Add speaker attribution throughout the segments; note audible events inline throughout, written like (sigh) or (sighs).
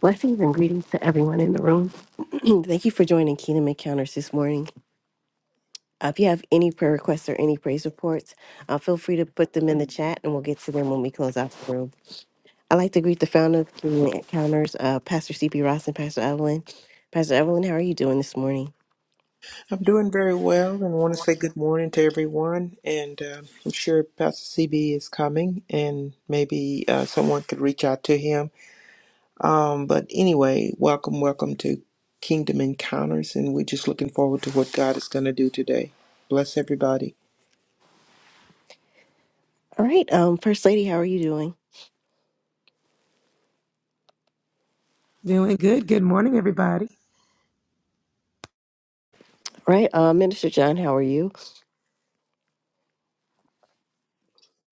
Speaker 1: Blessings and greetings to everyone in the room. (clears throat) Thank you for joining Kingdom Encounters this morning. Uh, if you have any prayer requests or any praise reports, uh, feel free to put them in the chat and we'll get to them when we close out the room. I'd like to greet the founder of Kingdom Encounters, uh, Pastor CP Ross and Pastor Evelyn. Pastor Evelyn, how are you doing this morning?
Speaker 2: I'm doing very well and want to say good morning to everyone. And uh, I'm sure Pastor CB is coming and maybe uh, someone could reach out to him. Um, but anyway, welcome, welcome to Kingdom Encounters. And we're just looking forward to what God is going to do today. Bless everybody.
Speaker 1: All right. Um, First Lady, how are you doing?
Speaker 3: Doing good. Good morning, everybody.
Speaker 1: All right. Uh, Minister John, how are you?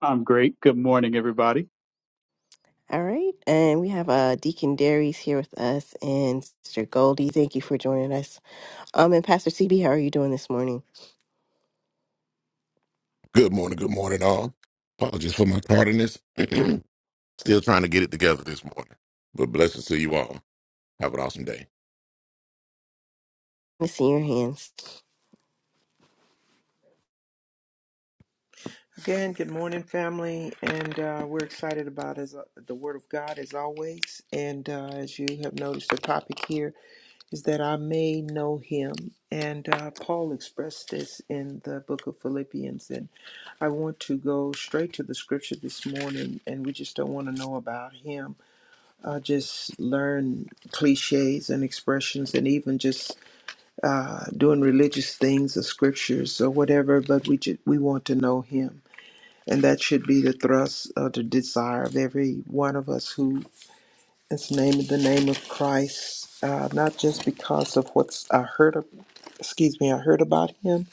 Speaker 4: I'm great. Good morning, everybody.
Speaker 1: All right. And we have uh, Deacon Darius here with us and Sister Goldie. Thank you for joining us. Um, and Pastor CB, how are you doing this morning?
Speaker 5: Good morning, good morning, all. Apologies for my tardiness. (clears throat) Still trying to get it together this morning. But blessings to you all. Have an awesome day.
Speaker 1: Let me see your hands.
Speaker 2: Again, good morning, family, and uh, we're excited about as, uh, the Word of God as always. And uh, as you have noticed, the topic here is that I may know Him, and uh, Paul expressed this in the Book of Philippians. And I want to go straight to the Scripture this morning, and we just don't want to know about Him. Uh, just learn cliches and expressions, and even just uh, doing religious things, or Scriptures or whatever. But we ju- we want to know Him. And that should be the thrust of the desire of every one of us who is named the name of Christ, uh, not just because of what's I heard, of, excuse me, I heard about him,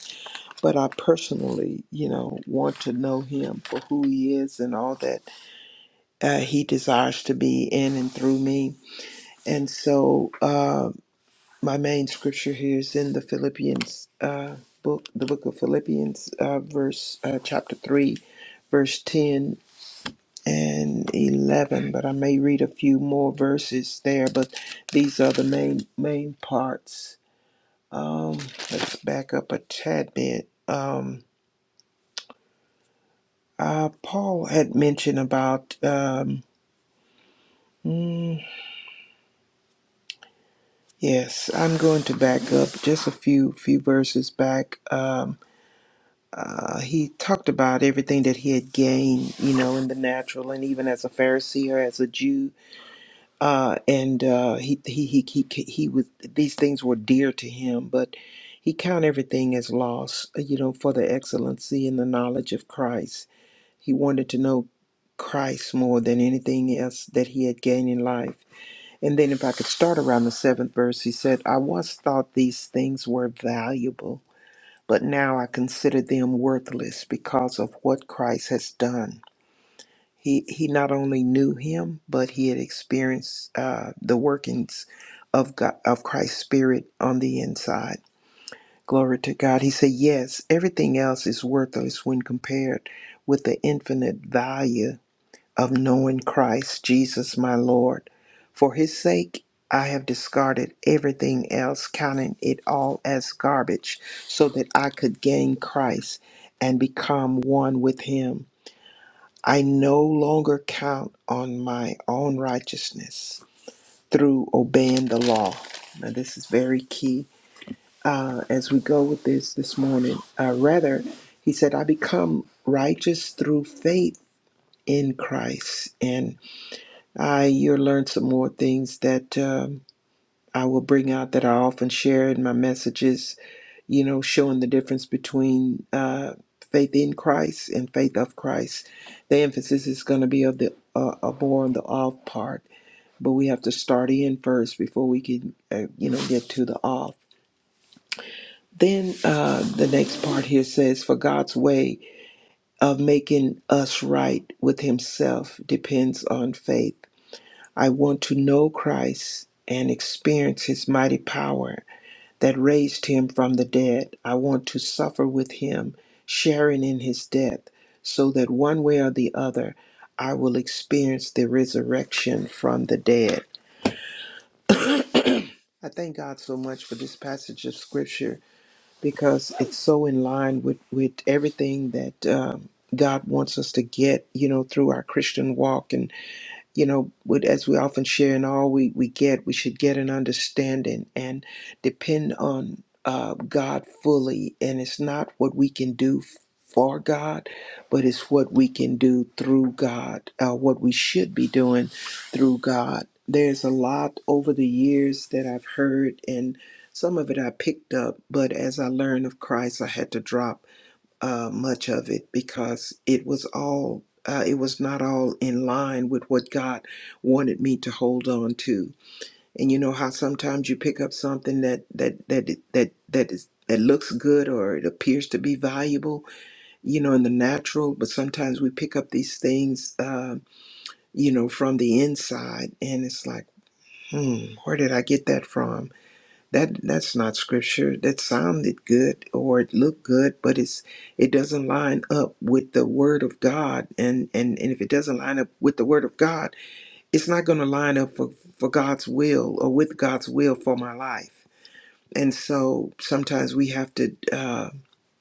Speaker 2: but I personally, you know, want to know him for who he is and all that uh, he desires to be in and through me. And so, uh, my main scripture here is in the Philippians uh, book, the book of Philippians, uh, verse uh, chapter three, verse ten and 11, but I may read a few more verses there, but these are the main main parts. Um, let's back up a tad bit. Um, uh, Paul had mentioned about um, mm, yes, I'm going to back up just a few few verses back. Um, uh, he talked about everything that he had gained, you know, in the natural, and even as a Pharisee or as a Jew, uh, and uh, he, he he he he was these things were dear to him, but he count everything as loss, uh, you know, for the excellency and the knowledge of Christ. He wanted to know Christ more than anything else that he had gained in life. And then, if I could start around the seventh verse, he said, "I once thought these things were valuable, but now I consider them worthless because of what Christ has done." He he not only knew him, but he had experienced uh, the workings of God, of Christ's Spirit on the inside. Glory to God. He said, "Yes, everything else is worthless when compared with the infinite value of knowing Christ Jesus, my Lord. For His sake." I have discarded everything else, counting it all as garbage, so that I could gain Christ and become one with Him. I no longer count on my own righteousness through obeying the law. Now, this is very key uh, as we go with this this morning. Uh, rather, he said, I become righteous through faith in Christ. And I, you'll learn some more things that um, I will bring out that I often share in my messages you know, showing the difference between uh, faith in Christ and faith of Christ. The emphasis is going to be of the uh, of more on the off part, but we have to start in first before we can, uh, you know, get to the off. Then uh, the next part here says, "For God's way of making us right with Himself depends on faith. I want to know Christ and experience His mighty power that raised him from the dead. I want to suffer with him, sharing in his death, so that one way or the other, I will experience the resurrection from the dead. I thank God so much for this passage of scripture because it's so in line with, with everything that um, God wants us to get, you know, through our Christian walk and. you know, with, as we often share in all we, we get, we should get an understanding and depend on uh, God fully. And it's not what we can do for God, but it's what we can do through God, uh, what we should be doing through God. There's a lot over the years that I've heard, and some of it I picked up, but as I learned of Christ, I had to drop uh, much of it because it was all uh, it was not all in line with what God wanted me to hold on to. And you know how sometimes you pick up something that that that that that is that looks good or it appears to be valuable, you know, in the natural. But sometimes we pick up these things, uh, you know, from the inside, and it's like, hmm, where did I get that from? that that's not scripture that sounded good or it looked good but it's it doesn't line up with the word of god and and, and if it doesn't line up with the word of god it's not going to line up for, for god's will or with god's will for my life and so sometimes we have to uh,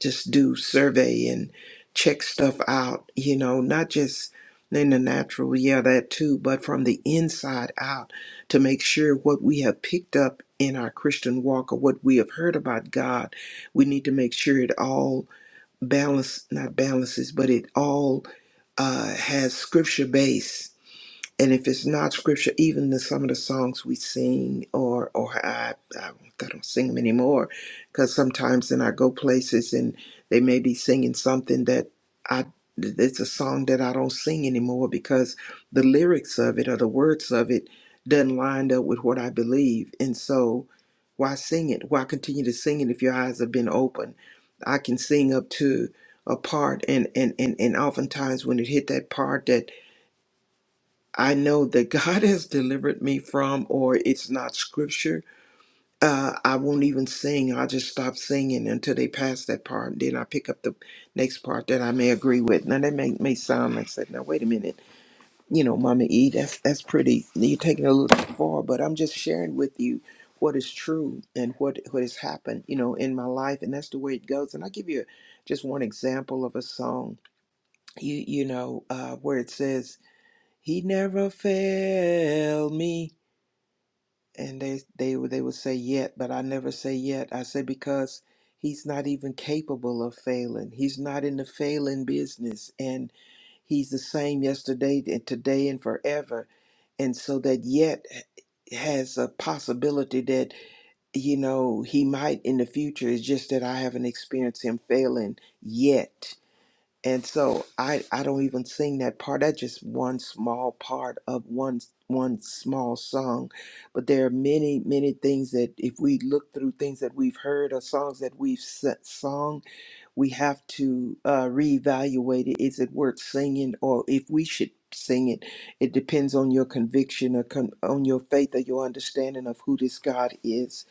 Speaker 2: just do survey and check stuff out, you know, not just in the natural, yeah, that too, but from the inside out to make sure what we have picked up in our Christian walk or what we have heard about God, we need to make sure it all balance, not balances, but it all uh, has scripture base and if it's not scripture, even the, some of the songs we sing, or or I, I, I don't sing them anymore, because sometimes then I go places and they may be singing something that I it's a song that I don't sing anymore because the lyrics of it or the words of it doesn't line up with what I believe, and so why sing it? Why continue to sing it if your eyes have been open? I can sing up to a part, and and and and oftentimes when it hit that part that I know that (laughs) God has delivered me from, or it's not scripture, uh, I won't even sing. I'll just stop singing until they pass that part. Then I pick up the next part that I may agree with. Now, that may, may sound like, said, now, wait a minute. You know, Mama E, that's, that's pretty, you're taking it a little too far, but I'm just sharing with you what is true and what, what has happened, you know, in my life. And that's the way it goes. And I'll give you just one example of a song, you, you know, uh, where it says, he never failed me. And they they would- they would say yet, but I never say yet. I say because he's not even capable of failing. He's not in the failing business, and he's the same yesterday and today and forever. And so that yet has a possibility that you know he might in the future. It's just that I haven't experienced him failing yet and so I I don't even sing that part. That's just one small part of one one small song, but there are many many things that if we look through things that we've heard or songs that we've s- sung, we have to uh, reevaluate it. Is it worth singing, or if we should sing it? It depends on your conviction or con- on your faith or your understanding of who this God is.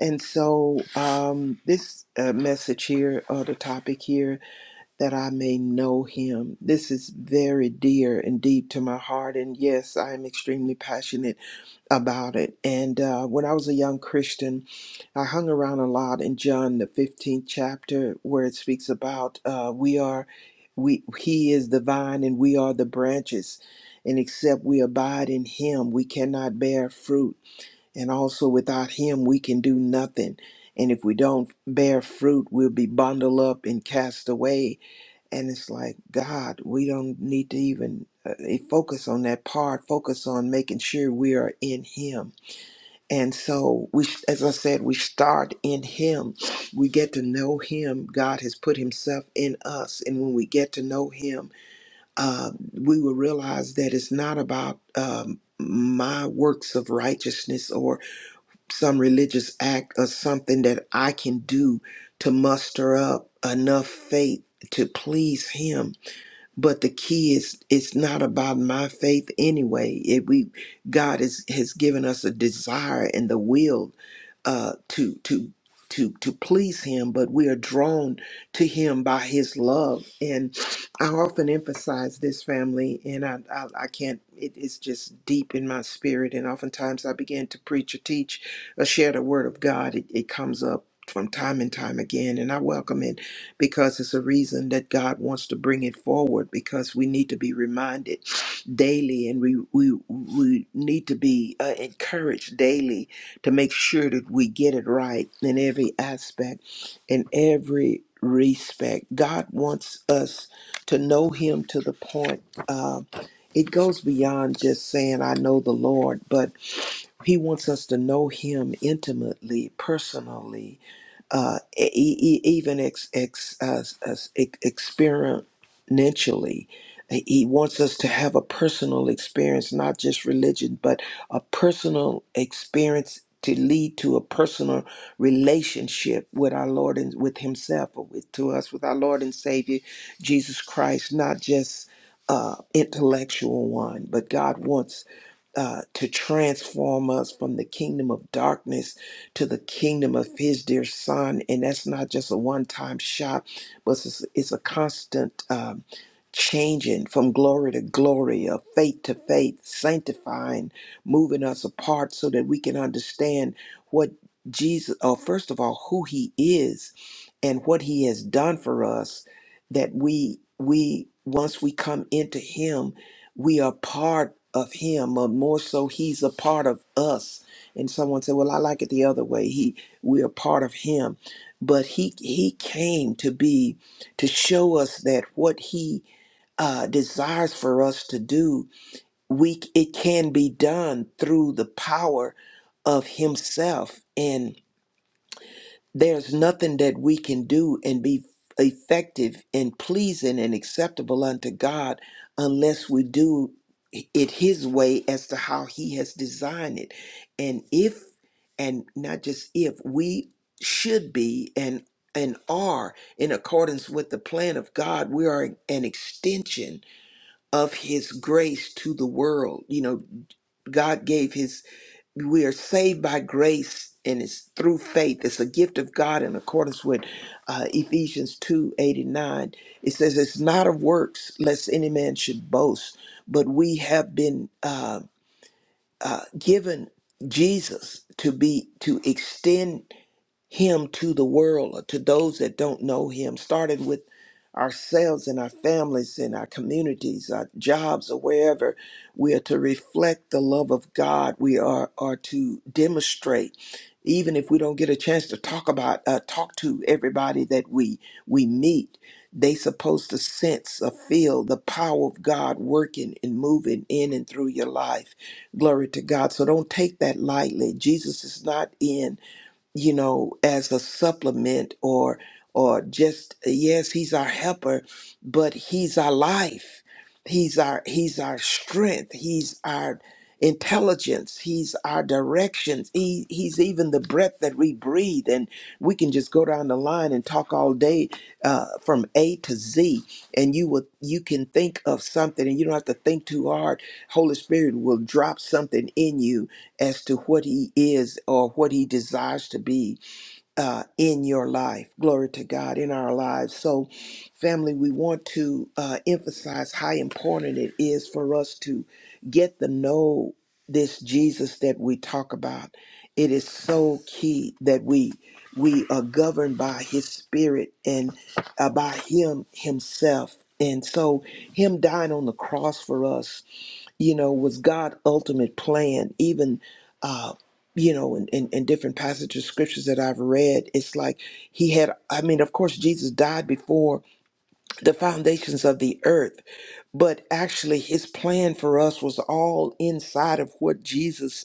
Speaker 2: And so um, this uh, message here or the topic here that I may know him. This is very dear and deep to my heart, and yes, I am extremely passionate about it. And uh, when I was a young Christian, I hung around a lot in John, the 15th chapter, where it speaks about uh, we are, we he is the vine and we are the branches. And except we abide in him, we cannot bear fruit. And also without him, we can do nothing. And if we don't bear fruit, we'll be bundled up and cast away and it's like god we don't need to even uh, eh, focus on that part focus on making sure we are in him and so we as i said we start in him we get to know him god has put himself in us and when we get to know him uh, we will realize that it's not about um, my works of righteousness or some religious act or something that i can do to muster up enough faith to please him but the key is it's not about my faith anyway it, we god is, has given us a desire and the will uh, to to to to please Him, but we are drawn to Him by His love. And I often emphasize this family, and I I, I can't. It, it's just deep in my spirit, and oftentimes I begin to preach or teach or share the Word of God. It, it comes up. From time and time again, and I welcome it because it's a reason that God wants to bring it forward because we need to be reminded daily and we we we need to be uh, encouraged daily to make sure that we get it right in every aspect, in every respect. God wants us to know Him to the point. Uh, it goes beyond just saying, I know the Lord, but He wants us to know Him intimately, personally uh, e- e- e, even ex, ex, uh, as, ex, experientially. He he wants us to have a personal experience, not just religion, but a personal experience to lead to a personal relationship with our Lord and with Himself, or with to us with our Lord and Savior Jesus Christ, not just uh, intellectual one, but God wants uh, to transform us from the kingdom of darkness to the kingdom of his dear son. And that's not just a one time shot, but it's, it's a constant um, changing from glory to glory, of faith to faith, sanctifying, moving us apart so that we can understand what Jesus, uh, first of all, who he is and what he has done for us that we we once we come into him we are part of him or more so he's a part of us and someone said, "Well, I like it the other way. He, we are part of Him, but He He came to be to show us that what He uh, desires for us to do, we it can be done through the power of Himself. And there's nothing that we can do and be effective and pleasing and acceptable unto God unless we do it his way as to how he has designed it and if and not just if we should be and and are in accordance with the plan of God we are an extension of his grace to the world you know God gave his we are saved by grace and it's through faith it's a gift of god in accordance with uh, ephesians 2 89 it says it's not of works lest any man should boast but we have been uh, uh, given jesus to be to extend him to the world or to those that don't know him, starting with ourselves and our families and our communities, our jobs, or wherever. We are to reflect the love of God. We are, are to demonstrate, even if we don't get a chance to talk about, uh, talk to everybody that we we meet. They supposed to sense or feel the power of God working and moving in and through your life. Glory to God. So don't take that lightly. Jesus is not in you know, as a supplement or or just yes, he's our helper, but he's our life. He's our he's our strength. He's our intelligence. He's our directions. He he's even the breath that we breathe. And we can just go down the line and talk all day uh, from A to Z. And you will you can think of something, and you don't have to think too hard. Holy Spirit will drop something in you as to what he is or what he desires to be uh, in your life. Glory to God in our lives. So, family, we want to uh, emphasize how important it is for us to get to know this Jesus that we talk about. It is so key that we we are governed by His Spirit and uh, by Him Himself. And so, Him dying on the cross for us you know, was God's ultimate plan. Even, uh, you know, in, in, in different passages of scriptures that I've read, it's like he had, I mean, of course, Jesus died before the foundations of the earth, but actually his plan for us was all inside of what Jesus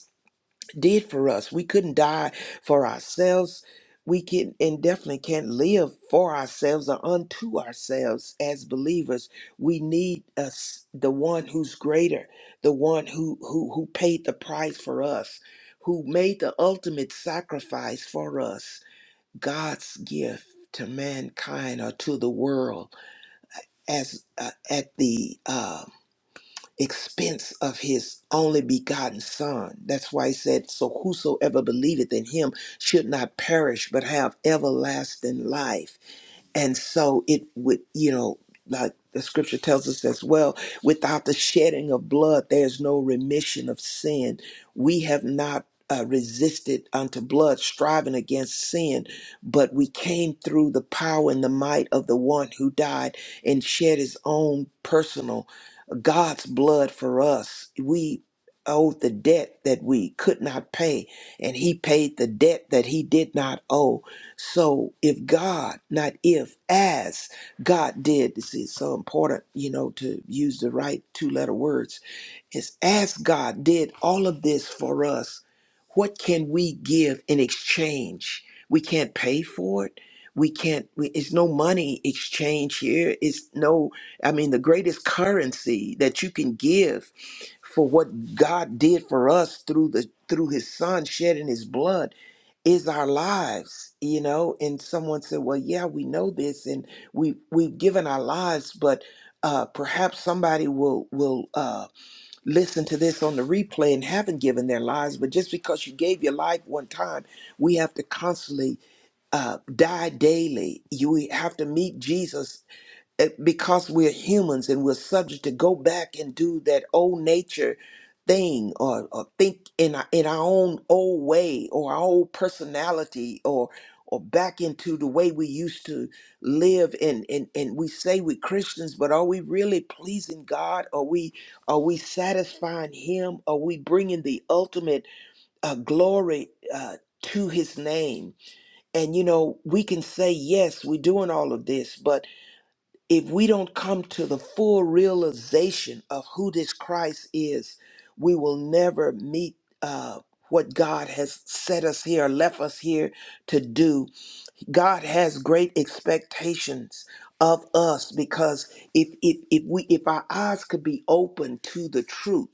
Speaker 2: did for us. We couldn't die for ourselves. We can and definitely can't live for ourselves or unto ourselves as believers. We need us the one who's greater, the one who who who paid the price for us, who made the ultimate sacrifice for us. God's gift to mankind or to the world as uh, at the uh, expense of his only begotten son. That's why he said, So whosoever believeth in him should not perish, but have everlasting life. And so it would, you know, like the scripture tells us as well, without the shedding of blood, there's no remission of sin. We have not uh, resisted unto blood, striving against sin, but we came through the power and the might of the one who died and shed his own personal God's blood for us. We owed the debt that we could not pay, and he paid the debt that he did not owe so if God, not if, as God did, this is so important, you know, to use the right two letter words, is as God did all of this for us, what can we give in exchange? We can't pay for it. We can't, we, it's no money exchange here. It's no, I mean, the greatest currency that you can give for what God did for us through the through his son shedding his blood is our lives you know and someone said well yeah we know this and we we've given our lives but uh, perhaps somebody will will uh, listen to this on the replay and haven't given their lives but just because you gave your life one time we have to constantly uh, die daily you have to meet jesus it- because we're humans and we're subject to go back and do that old nature thing or, or think in our, in our own old way or our old personality or or back into the way we used to live and and, and we say we're Christians but are we really pleasing God are we are we satisfying him are we bringing the ultimate uh, glory uh, to his name and you know we can say yes we're doing all of this but if we don't come to the full realization of who this Christ is, we will never meet uh, what God has set us here, left us here to do. God has great expectations of us because if if if we if our eyes could be open to the truth,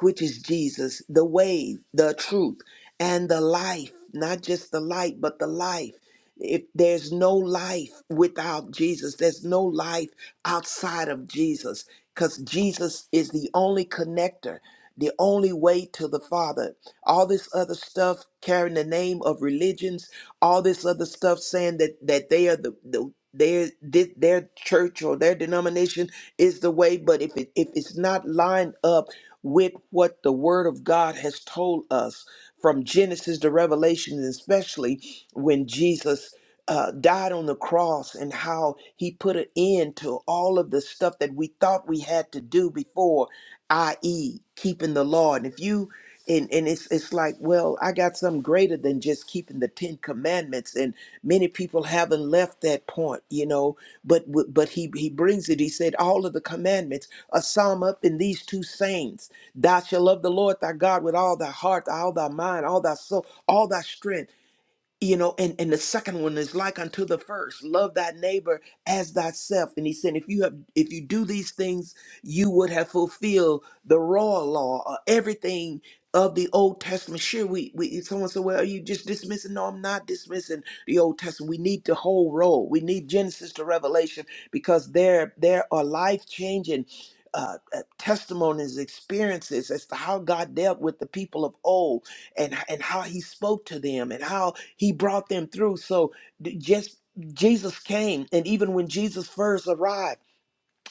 Speaker 2: which is Jesus, the way, the truth, and the life, not just the light, but the life. If there's no life without Jesus, there's no life outside of Jesus, because Jesus is the only connector, the only way to the Father. All this other stuff carrying the name of religions, all this other stuff saying that that they are the, the their thi- their church or their denomination is the way, but if it if it's not lined up with what the Word of God has told us from Genesis to Revelation, and especially when Jesus uh, died on the cross and how he put an end to all of the stuff that we thought we had to do before, i.e., keeping the law. And if you and, and it's it's like, well, I got something greater than just keeping the Ten Commandments, and many people haven't left that point, you know. But w- but he he brings it. He said all of the commandments are summed up in these two sayings Thou shalt love the Lord thy God with all thy heart, all thy mind, all thy soul, all thy strength you know and and the second one is like unto the first love thy neighbor as thyself and he said if you have if you do these things you would have fulfilled the raw law or everything of the old testament sure we, we someone said well are you just dismissing no i'm not dismissing the old testament we need the whole roll we need genesis to revelation because there there are life changing uh, uh, testimonies experiences as to how god dealt with the people of old and and how he spoke to them and how he brought them through. So d- just Jesus came, and even when Jesus first arrived,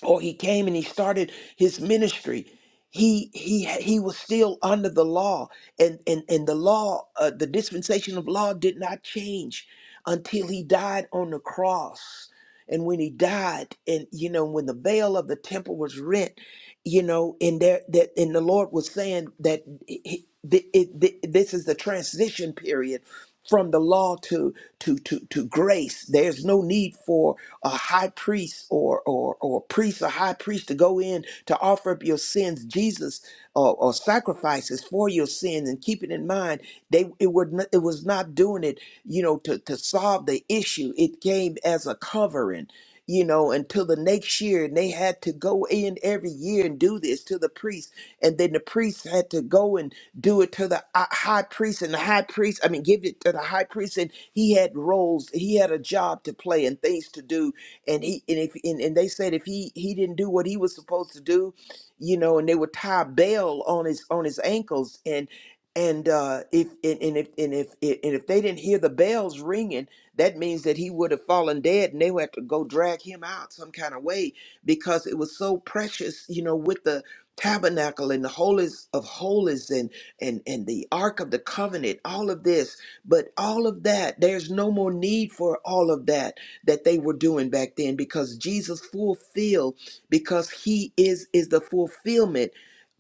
Speaker 2: or he came and he started his ministry, he he he was still under the law, and and and the law, uh, the dispensation of law, did not change until he died on the cross. And when he died, and you know, when the veil of the temple was rent, you know, and there that and the Lord was saying that. He, he- th- it- th- this is the transition period from the law to to to to grace. There's no need for a high priest or or or priest or high priest to go in to offer up your sins. Jesus or, or sacrifices for your sin and keep it in mind they it would not, it was not doing it you know to to solve the issue it came as a covering you know until the next year and they had to go in every year and do this to the priest and then the priest had to go and do it to the uh, high priest and the high priest i mean give it to the high priest and he had roles he had a job to play and things to do and he and if and, and they said if he he didn't do what he was supposed to do you know, and they would tie a bell on his on his ankles, and and uh, if and, and if and if and if they didn't hear the bells ringing, that means that he would have fallen dead, and they would have to go drag him out some kind of way because it was so precious, you know, with the tabernacle and the holies of holies and and and the ark of the covenant all of this but all of that there's no more need for all of that that they were doing back then because jesus fulfilled because he is is the fulfillment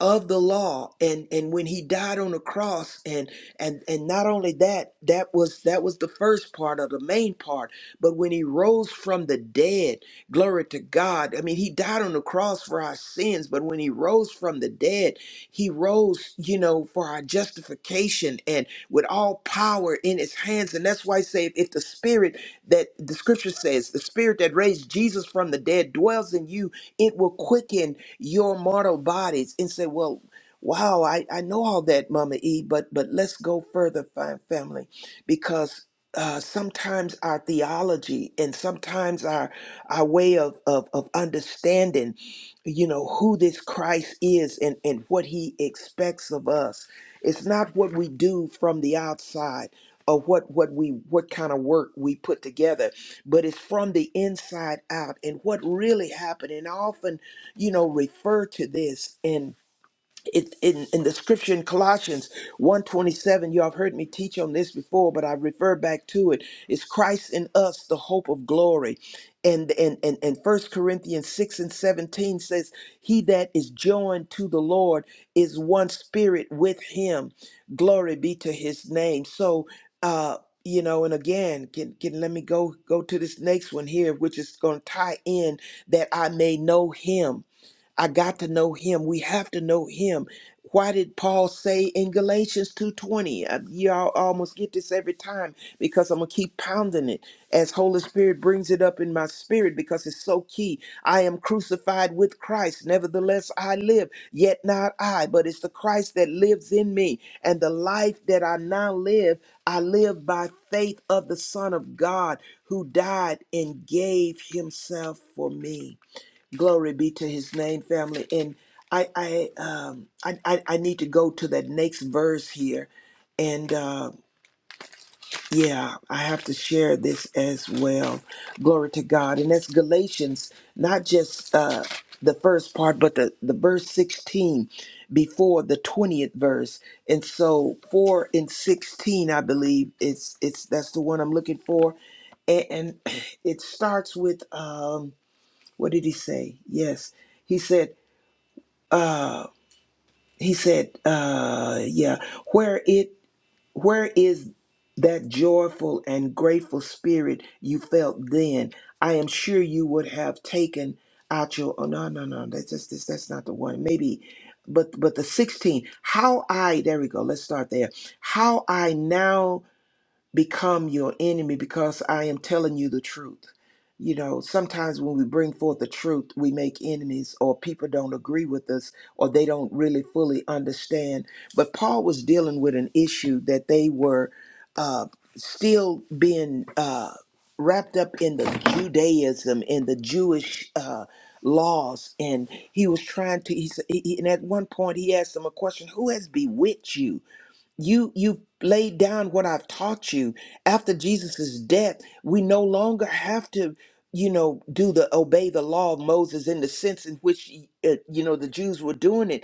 Speaker 2: of the law and and when he died on the cross and and and not only that that was that was the first part of the main part but when he rose from the dead glory to god i mean he died on the cross for our sins but when he rose from the dead he rose you know for our justification and with all power in his hands and that's why i say if the spirit that the scripture says the spirit that raised jesus from the dead dwells in you it will quicken your mortal bodies and say, well, wow, I, I know all that, Mama E, but but let's go further, fine family, because uh, sometimes our theology and sometimes our our way of, of of understanding, you know, who this Christ is and and what He expects of us. It's not what we do from the outside or what what we what kind of work we put together but it's from the inside out. And what really happened, and I often, you know, refer to this and it, in, in the scripture in Colossians one twenty-seven, you have heard me teach on this before, but I refer back to it. It's Christ in us, the hope of glory. And and and, and First Corinthians 6 and 17 says, He that is joined to the Lord is one spirit with him. Glory be to his name. So uh you know, and again, can, can let me go go to this next one here, which is going to tie in that I may know him I got to know him. We have to know him. Why did Paul say in Galatians 2:20? Uh, Y'all almost get this every time because I'm going to keep pounding it as Holy Spirit brings it up in my spirit because it's so key. I am crucified with Christ, nevertheless I live, yet not I, but it's the Christ that lives in me, and the life that I now live, I live by faith of the Son of God who died and gave himself for me. Glory be to his name, family. And I, I, um, I, I, I need to go to that next verse here. And uh, yeah, I have to share this as well. Glory to God. And that's Galatians, not just uh, the first part, but the, the verse 16 before the 20th verse. And so 4 and 16, I believe, it's, it's that's the one I'm looking for. And, and (clears throat) it starts with. Um, what did he say? Yes, he said, uh, he said, uh, yeah, where it, where is that joyful and grateful spirit you felt then? I am sure you would have taken out your. Oh no, no, no, that's just that's, that's not the one. Maybe, but but the sixteen. How I there we go. Let's start there. How I now become your enemy because I am telling you the truth. You know, sometimes when we bring forth the truth, we make enemies or people don't agree with us or they don't really fully understand. But Paul was dealing with an issue that they were uh, still being uh, wrapped up in the Judaism and the Jewish uh, laws. And he was trying to, he, s- he, he- and at one point he asked them a question Who has bewitched you? You you laid down what I've taught you. After Jesus' death, we no longer have to, you know, do the obey the law of Moses in the sense in which uh, you know the Jews were doing it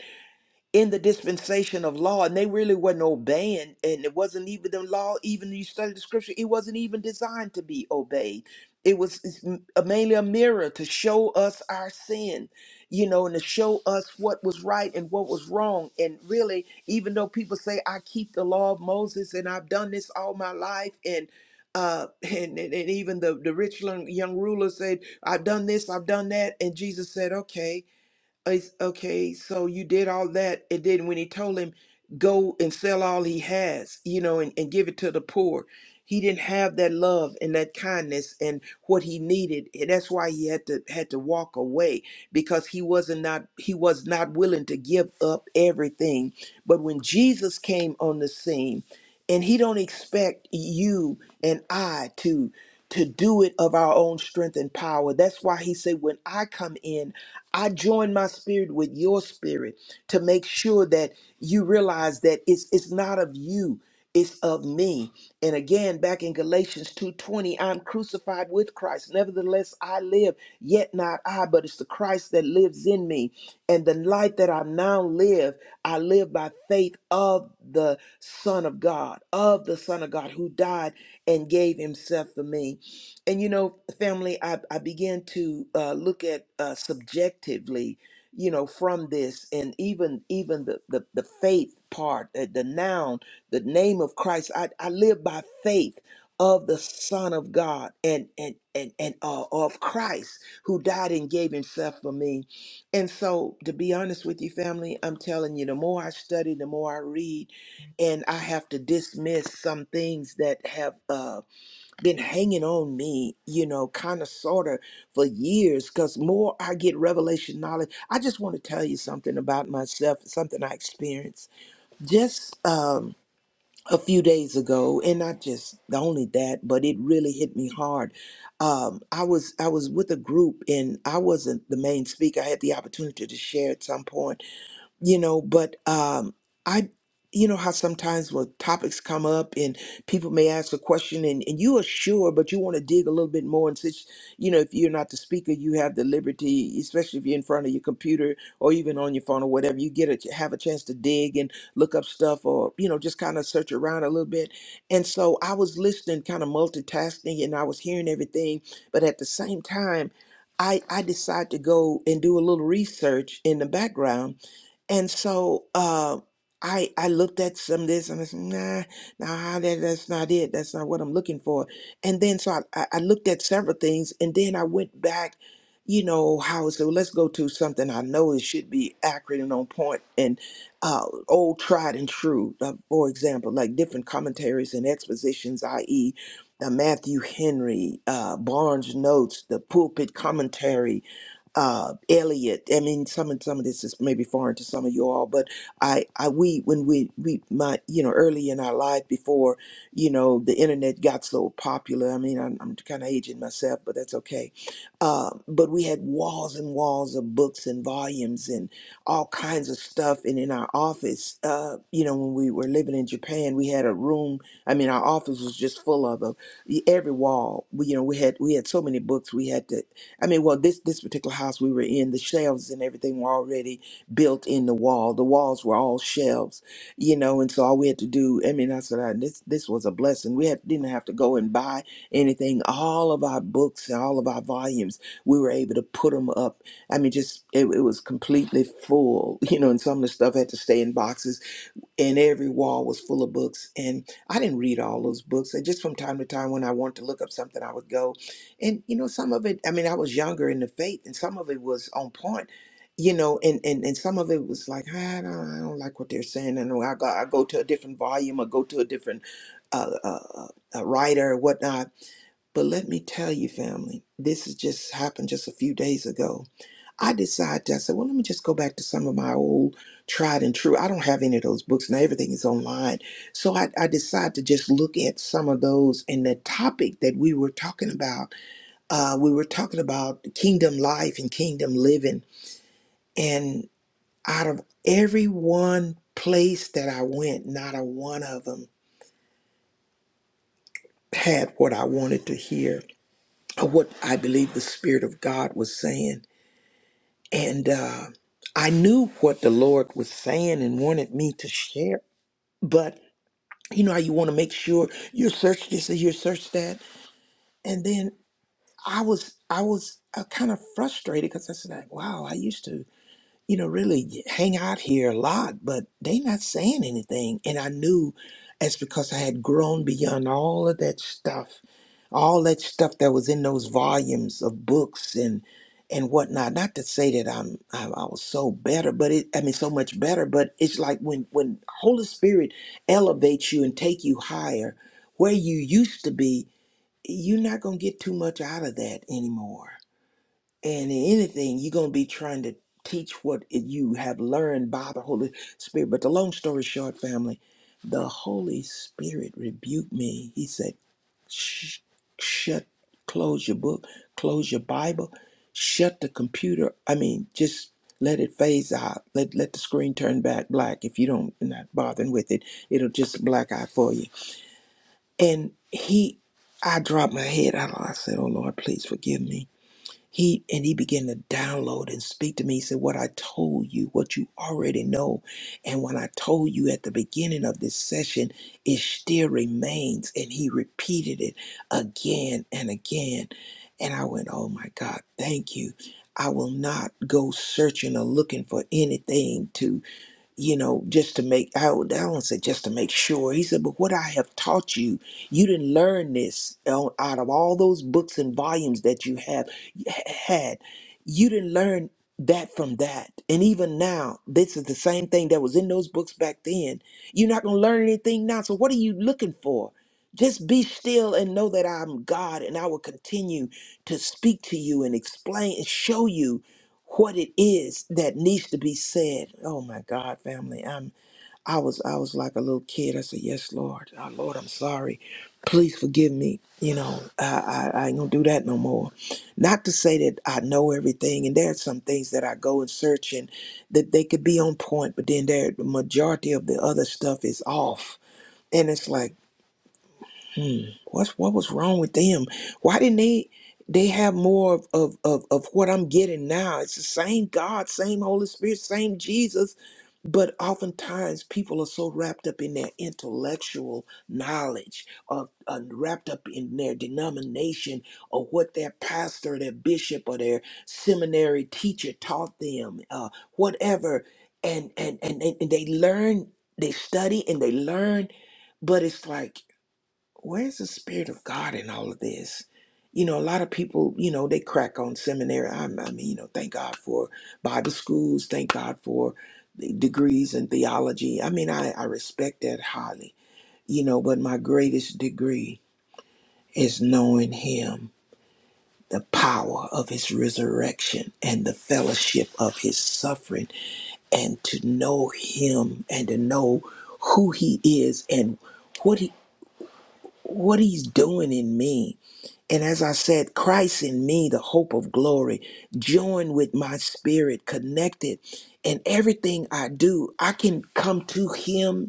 Speaker 2: in the dispensation of law and they really wasn't obeying and it wasn't even the law even you study the scripture it wasn't even designed to be obeyed it was it's m- a- mainly a mirror to show us our sin you know and to show us what was right and what was wrong and really even though people say i keep the law of moses and i've done this all my life and uh (laughs) and, and, and even the the rich young young ruler said i've done this i've done that and jesus said okay it's, okay, so you did all that, and then when he told him, go and sell all he has, you know, and, and give it to the poor, he didn't have that love and that kindness and what he needed. And that's why he had to had to walk away because he wasn't not he was not willing to give up everything. But when Jesus came on the scene, and he don't expect you and I to to do it of our own strength and power. That's why he said, when I come in. I join my spirit with your spirit to make sure that you realize that it's it's not of you, it's of me. And again, back in Galatians 2:20, I'm crucified with Christ. Nevertheless, I live, yet not I, but it's the Christ that lives in me. And the life that I now live, I live by faith of the Son of God, of the Son of God who died and gave himself for me and you know family i, I began to uh, look at uh, subjectively you know from this and even even the the, the faith part uh, the noun the name of christ I, I live by faith of the son of god and and and, and uh, of christ who died and gave himself for me and so to be honest with you family i'm telling you the more i study the more i read and i have to dismiss some things that have Uh, been hanging on me, you know, kind of sort of for years because more I get revelation knowledge. I just want to tell you something about myself, something I experienced just um, a few days ago. And not just only that, but it really hit me hard. Um, I was I was with a group and I wasn't the main speaker. I had the opportunity to share at some point you know but um i you know how sometimes when topics come up and people may ask a question and, and you are sure but you want to dig a little bit more and since you know if you're not the speaker you have the liberty especially if you're in front of your computer or even on your phone or whatever you get a have a chance to dig and look up stuff or you know just kind of search around a little bit and so i was listening kind of multitasking and i was hearing everything but at the same time i i decided to go and do a little research in the background and so uh, I I looked at some of this and I said, nah, nah, that, that's not it. That's not what I'm looking for. And then so I, I I looked at several things and then I went back, you know, how so let's go to something I know it should be accurate and on point and uh, old tried and true. Uh, for example, like different commentaries and expositions, i.e., the Matthew Henry, uh, Barnes Notes, the pulpit commentary, uh, Elliot. I mean, some of some of this is maybe foreign to some of you all, but I, I we when we we my you know early in our life before you know the internet got so popular. I mean, I'm, I'm kind of aging myself, but that's okay. Uh, but we had walls and walls of books and volumes and all kinds of stuff. And in our office, uh, you know, when we were living in Japan, we had a room. I mean, our office was just full of them. Every wall, we, you know, we had we had so many books. We had to I mean, well, this this particular house we were in, the shelves and everything were already built in the wall. The walls were all shelves, you know, and so all we had to do. I mean, I said I, this this was a blessing. We had, didn't have to go and buy anything. All of our books and all of our volumes, we were able to put them up. I mean, just it, it was completely full, (laughs) you know, and some of the stuff had to stay in boxes and every wall was full of books and i didn't read all those books I just from time to time when i wanted to look up something i would go and you know some of it i mean i was younger in the faith and some of it was on point you know and and, and some of it was like "Ah, i don't, I don't like what they're saying and i go, I go to a different volume or go to a different uh, uh, uh, uh, writer or whatnot but let me tell you family this has just happened just a few days ago I decided, I said, well, let me just go back to some of my old tried and true. I don't have any of those books now, everything is online. So I, I decided to just look at some of those. And the topic that we were talking about, uh, we were talking about kingdom life and kingdom living. And out of every one place that I went, not a one of them had what I wanted to hear or what I believe the Spirit of God was saying. And uh, I knew what the Lord was saying and wanted me to share. But you know how you want to make sure you search this and you search that. And then I was I was uh, kind of frustrated because I said, like, wow, I used to you know, really hang out here a lot, but they not saying anything. And I knew it's because I had grown beyond all of that stuff, all that stuff that was in those volumes of books and and whatnot. Not to say that I'm I, I was so better, but it I mean so much better. But it's like when when Holy Spirit elevates you and take you higher, where you used to be, you're not gonna get too much out of that anymore and in anything, you're going to be trying to teach what you have learned by the Holy Spirit. But the long story short, family, the Holy Spirit rebuked me. He said, Shh, shut, close your book, close your Bible, shut the computer. I mean, just let it phase out. Let, let the screen turn back black. If you don't, you're not bothering with it, it'll just black out for you. And he, I dropped my head. I I said, Oh Lord, please forgive me. He and he began to download and speak to me. He said, What I told you, what you already know, and when I told you at the beginning of this session, it still remains. And he repeated it again and again. And I went, Oh my God, thank you. I will not go searching or looking for anything to you know, just to make, I would, I don't say just to make sure. He said, but what I have taught you, you didn't learn this on- out of all those books and volumes that you have had. You didn't learn that from that. And even now, this is the same thing that was in those books back then. You're not going to learn anything now. So what are you looking for? Just be still and know that I'm God and I will continue to speak to you and explain and show you what it is that needs to be said. Oh my God, family. I'm I was I was like a little kid. I said, Yes, Lord. Oh, Lord, I'm sorry. Please forgive me. You know, I, I, I ain't gonna do that no more. Not to say that I know everything, and there are some things that I go and search and that they could be on point, but then there the majority of the other stuff is off. And it's like Hmm. What's what was wrong with them? Why didn't they they have more of, of of of what I'm getting now? It's the same God, same Holy Spirit, same Jesus, but oftentimes people are so wrapped up in their intellectual knowledge, or, uh, wrapped up in their denomination, or what their pastor, their bishop, or their seminary teacher taught them, uh, whatever, and and, and and they learn, they study, and they learn, but it's like where's the spirit of God in all of this? You know, a lot of people, you know, they crack on seminary. I'm, I mean, you know, thank God for Bible schools. Thank God for the degrees in theology. I mean, I, I respect that highly, you know, but my greatest degree is knowing Him, the power of His resurrection and the fellowship of His suffering, and to know Him and to know who He is and what He what He's doing in me And as I said, Christ in me, the hope of glory, joined with my spirit, connected. And everything I do, I can come to Him,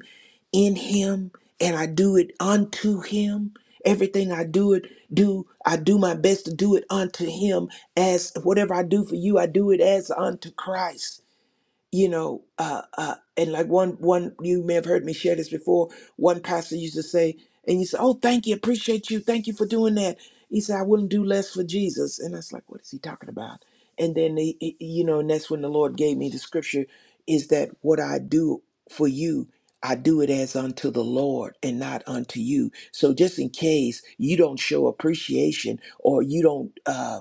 Speaker 2: in Him, and I do it unto Him. Everything I do it do, I do my best to do it unto Him. As whatever I do for you, I do it as unto Christ you know uh uh and like one one you may have heard me share this before one pastor used to say and you say oh thank you appreciate you thank you for doing that he said i wouldn't do less for jesus and i was like what is he talking about and then he, he- you know and that's when the lord gave me the scripture is that what i do for you i do it as unto the lord and not unto you so just in case you don't show appreciation or you don't Uh,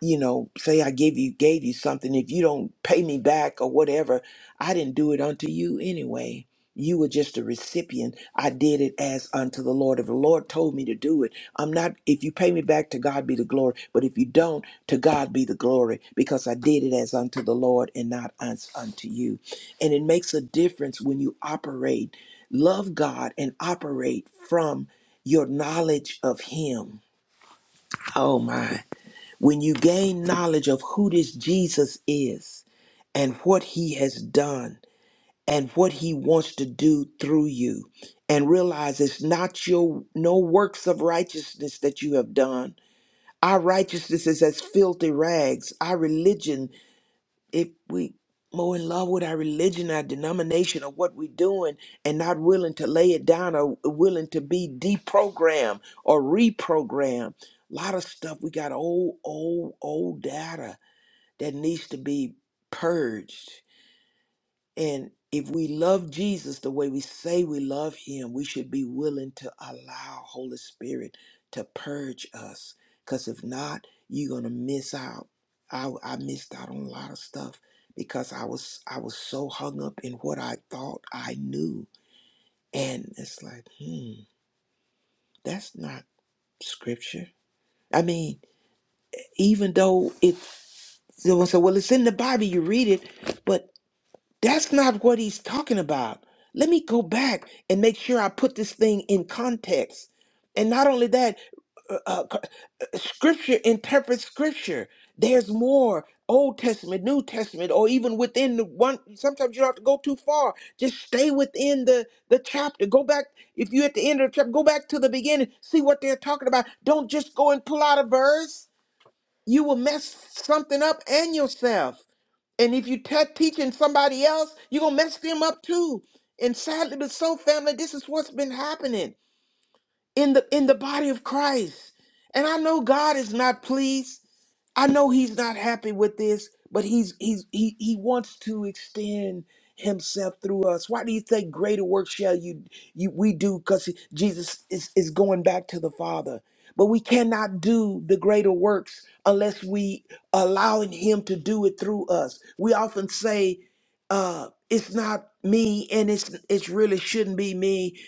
Speaker 2: you know, say I give you gave you something, if you don't pay me back or whatever, I didn't do it unto you anyway. You were just a recipient. I did it as unto the Lord. If the Lord told me to do it, I'm not if you pay me back to God be the glory. But if you don't, to God be the glory, because I did it as unto the Lord and not as unto you. And it makes a difference when you operate, love God and operate from your knowledge of Him. Oh my. When you gain knowledge of who this Jesus is and what he has done and what he wants to do through you and realize it's not your no works of righteousness that you have done our righteousness is as filthy rags our religion if we more in love with our religion, our denomination, or what we're doing, and not willing to lay it down or willing to be deprogrammed or reprogrammed. A lot of stuff we got old, old, old data that needs to be purged and if we love Jesus the way we say we love him, we should be willing to allow Holy Spirit to purge us. Because if not, you're gonna miss out. I, I missed out on a lot of stuff because I was I was so hung up in what I thought I knew. And it's like, hmm, that's not scripture. I mean, even though it someone said, Well, it's in the Bible, you read it, but. That's not what he's talking about. Let me go back and make sure I put this thing in context. And not only that, uh, uh, scripture interprets scripture. There's more Old Testament, New Testament, or even within the one. Sometimes you don't have to go too far. Just stay within the, the chapter. Go back. If you're at the end of the chapter, go back to the beginning. See what they're talking about. Don't just go and pull out a verse. You will mess something up and yourself. And if you te- teaching somebody else, you're gonna mess them up too. And sadly, but so family, this is what's been happening in the in the body of Christ. And I know God is not pleased. I know he's not happy with this, but he's he's he he wants to extend himself through us. Why do you think greater work shall you you we do cuz Jesus is is going back to the Father. But we cannot do the greater works unless we allowing him to do it through us. We often say uh it's not me and it's it really shouldn't be me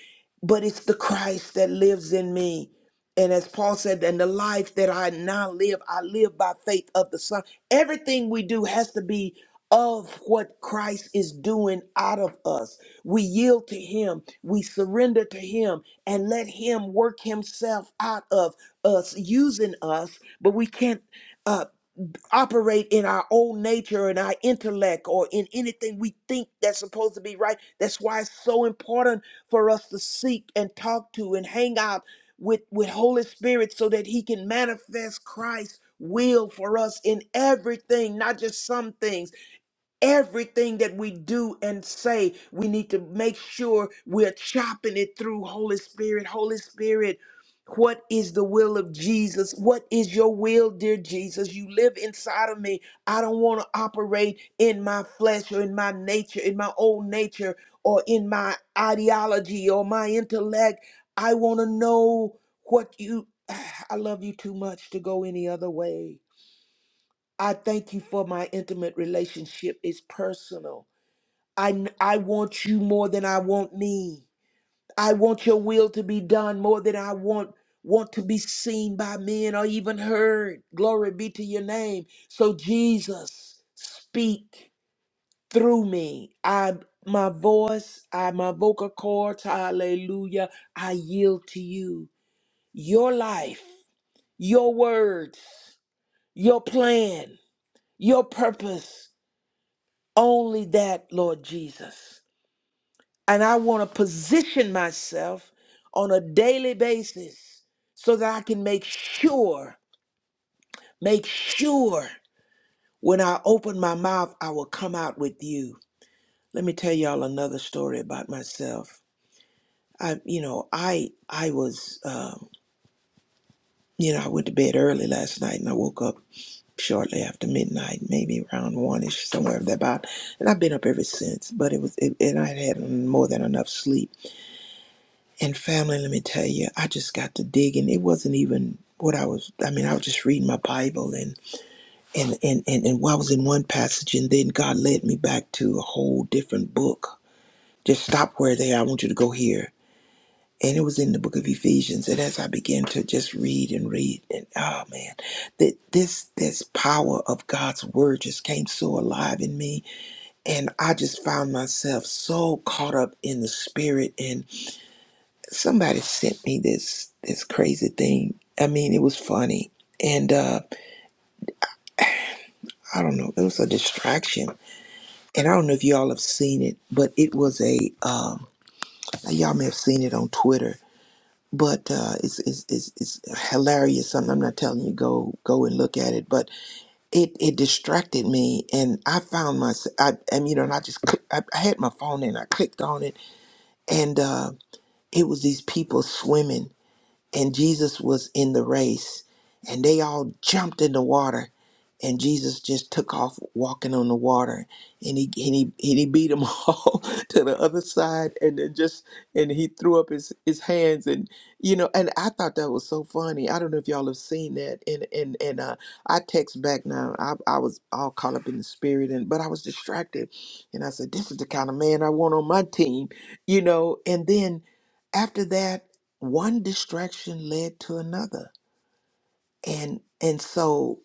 Speaker 2: but it's the christ that lives in me and as paul said and the life that i now live i live by faith of the son everything we do has to be of what christ is doing out of us we yield to him we surrender to him and let him work himself out of us using us but we can't uh, operate in our own nature and our intellect or in anything we think that's supposed to be right. That's why it's so important for us to seek and talk to and hang out with, with Holy Spirit so that He can manifest Christ's will for us in everything, not just some things. Everything that we do and say, we need to make sure we're chopping it through Holy Spirit. Holy Spirit, what is the will of Jesus? What is your will, dear Jesus? You live inside of me. I don't want to operate in my flesh or in my nature, in my old nature, or in my ideology or my intellect. I want to know what you, (sighs) I love you too much to go any other way. I thank you for my intimate relationship. It's personal. I, I want you more than I want me. I want your will to be done more than I want want to be seen by men or even heard. Glory be to your name. So Jesus, speak through me. I my voice, I my vocal cords, hallelujah. I yield to you. Your life, your words, your plan, your purpose. Only that, Lord Jesus. And I want to position myself on a daily basis so that I can make sure, make sure when I open my mouth, I will come out with you. Let me tell y'all another story about myself. I, you know, I, I was, um, you know, I went to bed early last night and I woke up shortly after midnight, maybe around one ish, somewhere about. And I've been up ever since, but it was, it, and I had had more than enough sleep And family, let me tell you, I just got to digging. It wasn't even what I was. I mean, I was just reading my Bible, and and and and, and while I was in one passage, and then God led me back to a whole different book. Just stop where they. are. I want you to go here. And it was in the book of Ephesians. And as I began to just read and read, and oh man, that this this power of God's word just came so alive in me, and I just found myself so caught up in the spirit and somebody sent me this this crazy thing. I mean, it was funny. And uh, I don't know, it was a distraction. And I don't know if y'all have seen it, but it was a um, y'all may have seen it on Twitter. But uh, it's, it's, it's, it's hilarious. Something I'm not telling you go go and look at it, but it, it distracted me, and I found myself. I, I mean, you know, and I just click, I, I had my phone and I clicked on it, and uh, it was these people swimming, and Jesus was in the race, and they all jumped in the water, and Jesus just took off walking on the water, and he and he and he beat them (laughs) all to the other side, and then just and he threw up his his hands, and you know, and I thought that was so funny. I don't know if y'all have seen that, and and and uh, I text back now. I I was all caught up in the spirit, and but I was distracted, and I said, this is the kind of man I want on my team, you know, and then after that one distraction led to another and and so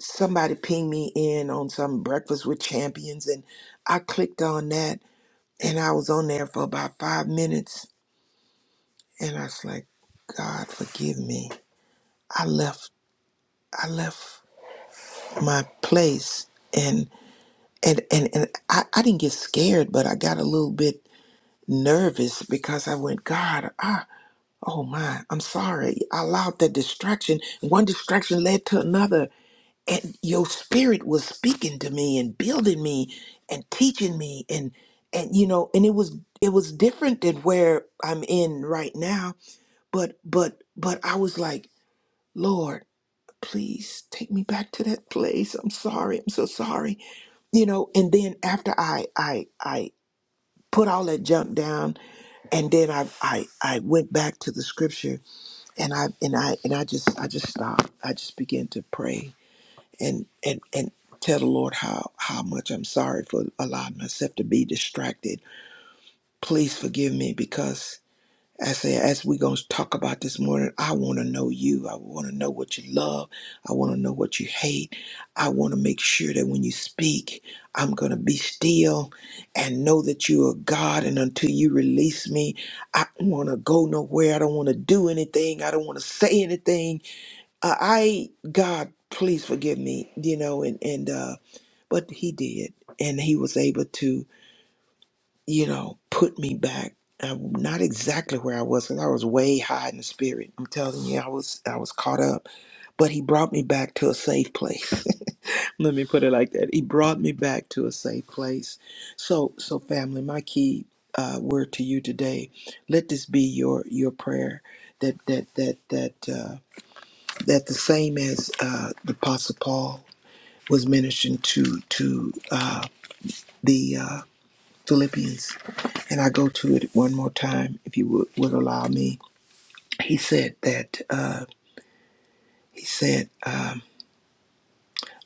Speaker 2: somebody pinged me in on some breakfast with champions and i clicked on that and i was on there for about five minutes and i was like god forgive me i left i left my place and and and, and I, I didn't get scared but i got a little bit nervous because i went god ah oh my i'm sorry i allowed that distraction one distraction led to another and your spirit was speaking to me and building me and teaching me and and you know and it was it was different than where I'm in right now but but but I was like lord please take me back to that place I'm sorry I'm so sorry you know and then after I I I put all that junk down and then I I I went back to the scripture and I and I and I just I just stopped I just began to pray and and and tell the Lord how how much I'm sorry for allowing myself to be distracted. Please forgive me because I say as we're gonna talk about this morning, I wanna know you. I wanna know what you love. I wanna know what you hate. I wanna make sure that when you speak, I'm gonna be still and know that you are God and until you release me, I don't wanna go nowhere. I don't wanna do anything. I don't wanna say anything uh, I God, please forgive me, you know, and and uh, but He did, and He was able to, you know, put me back. Uh, not exactly where I was, because I was way high in the spirit. I'm telling you, I was I was caught up, but He brought me back to a safe place. (laughs) Let me put it like that. He brought me back to a safe place. So so family, my key uh, word to you today, let this be your your prayer that that that that uh, that the same as uh, the Apostle Paul. was ministering to to uh, the uh, Philippians, and I go to it one more time, if you would, would allow me. He said that uh, he said. Uh,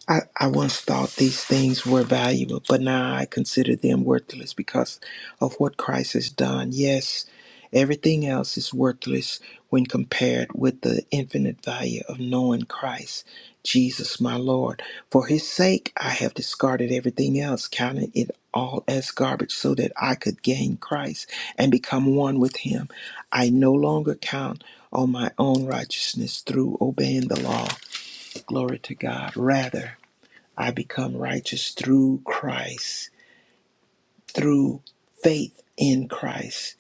Speaker 2: I, I once thought these things were valuable, but now I consider them worthless because of what Christ has done. Yes, everything else is worthless when compared with the infinite value of knowing Christ, Jesus my Lord. For his sake, I have discarded everything else, counting it all as garbage so that I could gain Christ and become one with him. I no longer count on my own righteousness through obeying the law. Glory to God. Rather, I become righteous through Christ, through faith in Christ.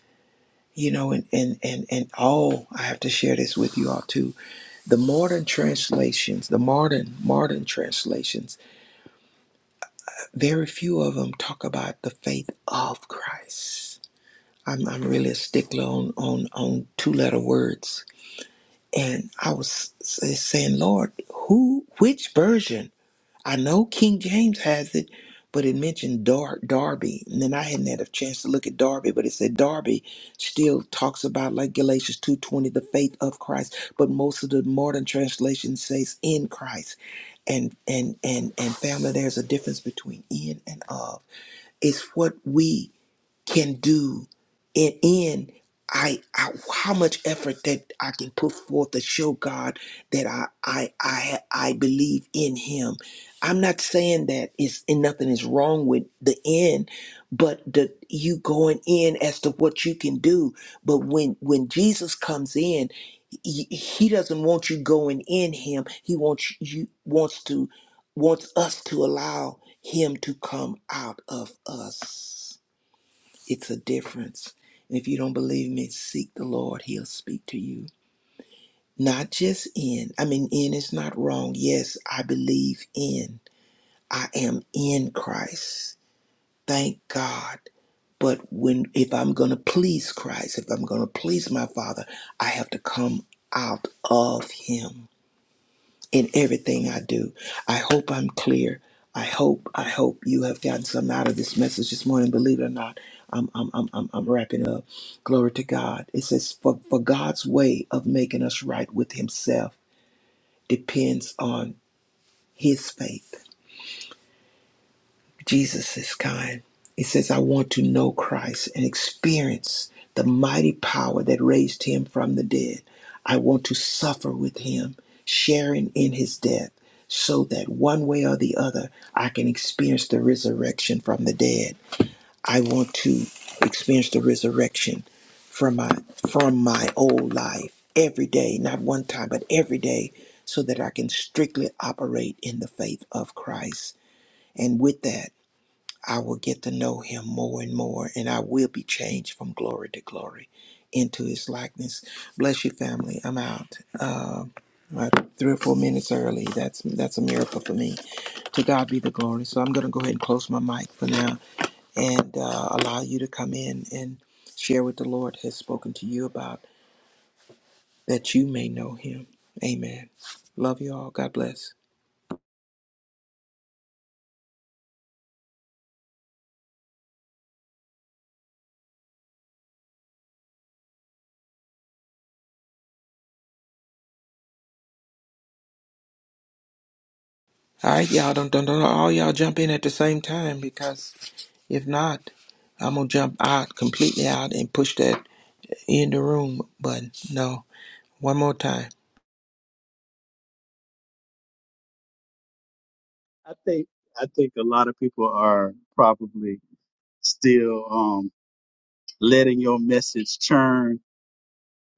Speaker 2: You know, and and and and oh, I have to share this with you all too. The modern translations, the modern modern translations, very few of them talk about the faith of Christ. I'm I'm really a stickler on on on two letter words, and I was s- saying, Lord, who which version? I know King James has it, but it mentioned Dar- Darby. And then I hadn't had a chance to look at Darby, but it said Darby still talks about like Galatians 2.20, the faith of Christ. But most of the modern translation says in Christ. And and and and family, there's a difference between in and of. It's what we can do and in I, I how much effort that I can put forth to show God that I I I I believe in him. I'm not saying that it's and nothing is wrong with the end, but the you going in as to what you can do. But when when Jesus comes in, he, he doesn't want you going in him. He wants you wants to wants us to allow him to come out of us. It's a difference. And if you don't believe me, seek the Lord. He'll speak to you. Not just in. I mean, in is not wrong. Yes, I believe in. I am in Christ. Thank God. But when if I'm gonna please Christ, if I'm gonna please my Father, I have to come out of Him in everything I do. I hope I'm clear. I hope, I hope you have gotten something out of this message this morning. Believe it or not, I'm, I'm, I'm, I'm, I'm wrapping up. Glory to God. It says, for, for God's way of making us right with Himself depends on His faith. Jesus is kind. He says, I want to know Christ and experience the mighty power that raised him from the dead. I want to suffer with him, sharing in his death, so that one way or the other, I can experience the resurrection from the dead. I want to experience the resurrection from my from my old life every day, not one time, but every day, so that I can strictly operate in the faith of Christ. And with that, I will get to know him more and more, and I will be changed from glory to glory into his likeness. Bless you, family. I'm out. Uh, uh, three or four minutes early. That's that's a miracle for me. To God be the glory. So I'm going to go ahead and close my mic for now and uh, allow you to come in and share what the Lord has spoken to you about that you may know him. Amen. Love you all. God bless. All right, y'all don't don't don't all y'all jump in at the same time because if not, I'm gonna jump out completely out and push that in the room button. No, one more time.
Speaker 4: I think I think a lot of people are probably still um, letting your message churn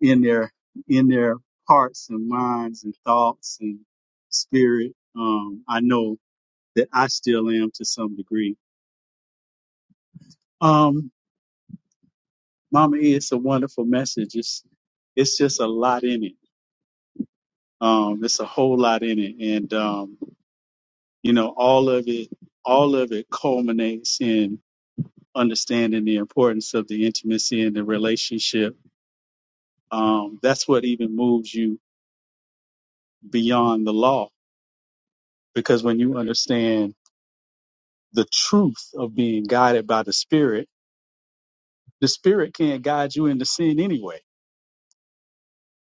Speaker 4: in their in their hearts and minds and thoughts and spirit. Um, I know that I still am to some degree. Um, Mama E, it's a wonderful message. It's it's just a lot in it. Um, it's a whole lot in it, and um, you know, all of it all of it culminates in understanding the importance of the intimacy and the relationship, um, that's what even moves you beyond the law. Because when you understand the truth of being guided by the Spirit, the Spirit can't guide you into sin anyway.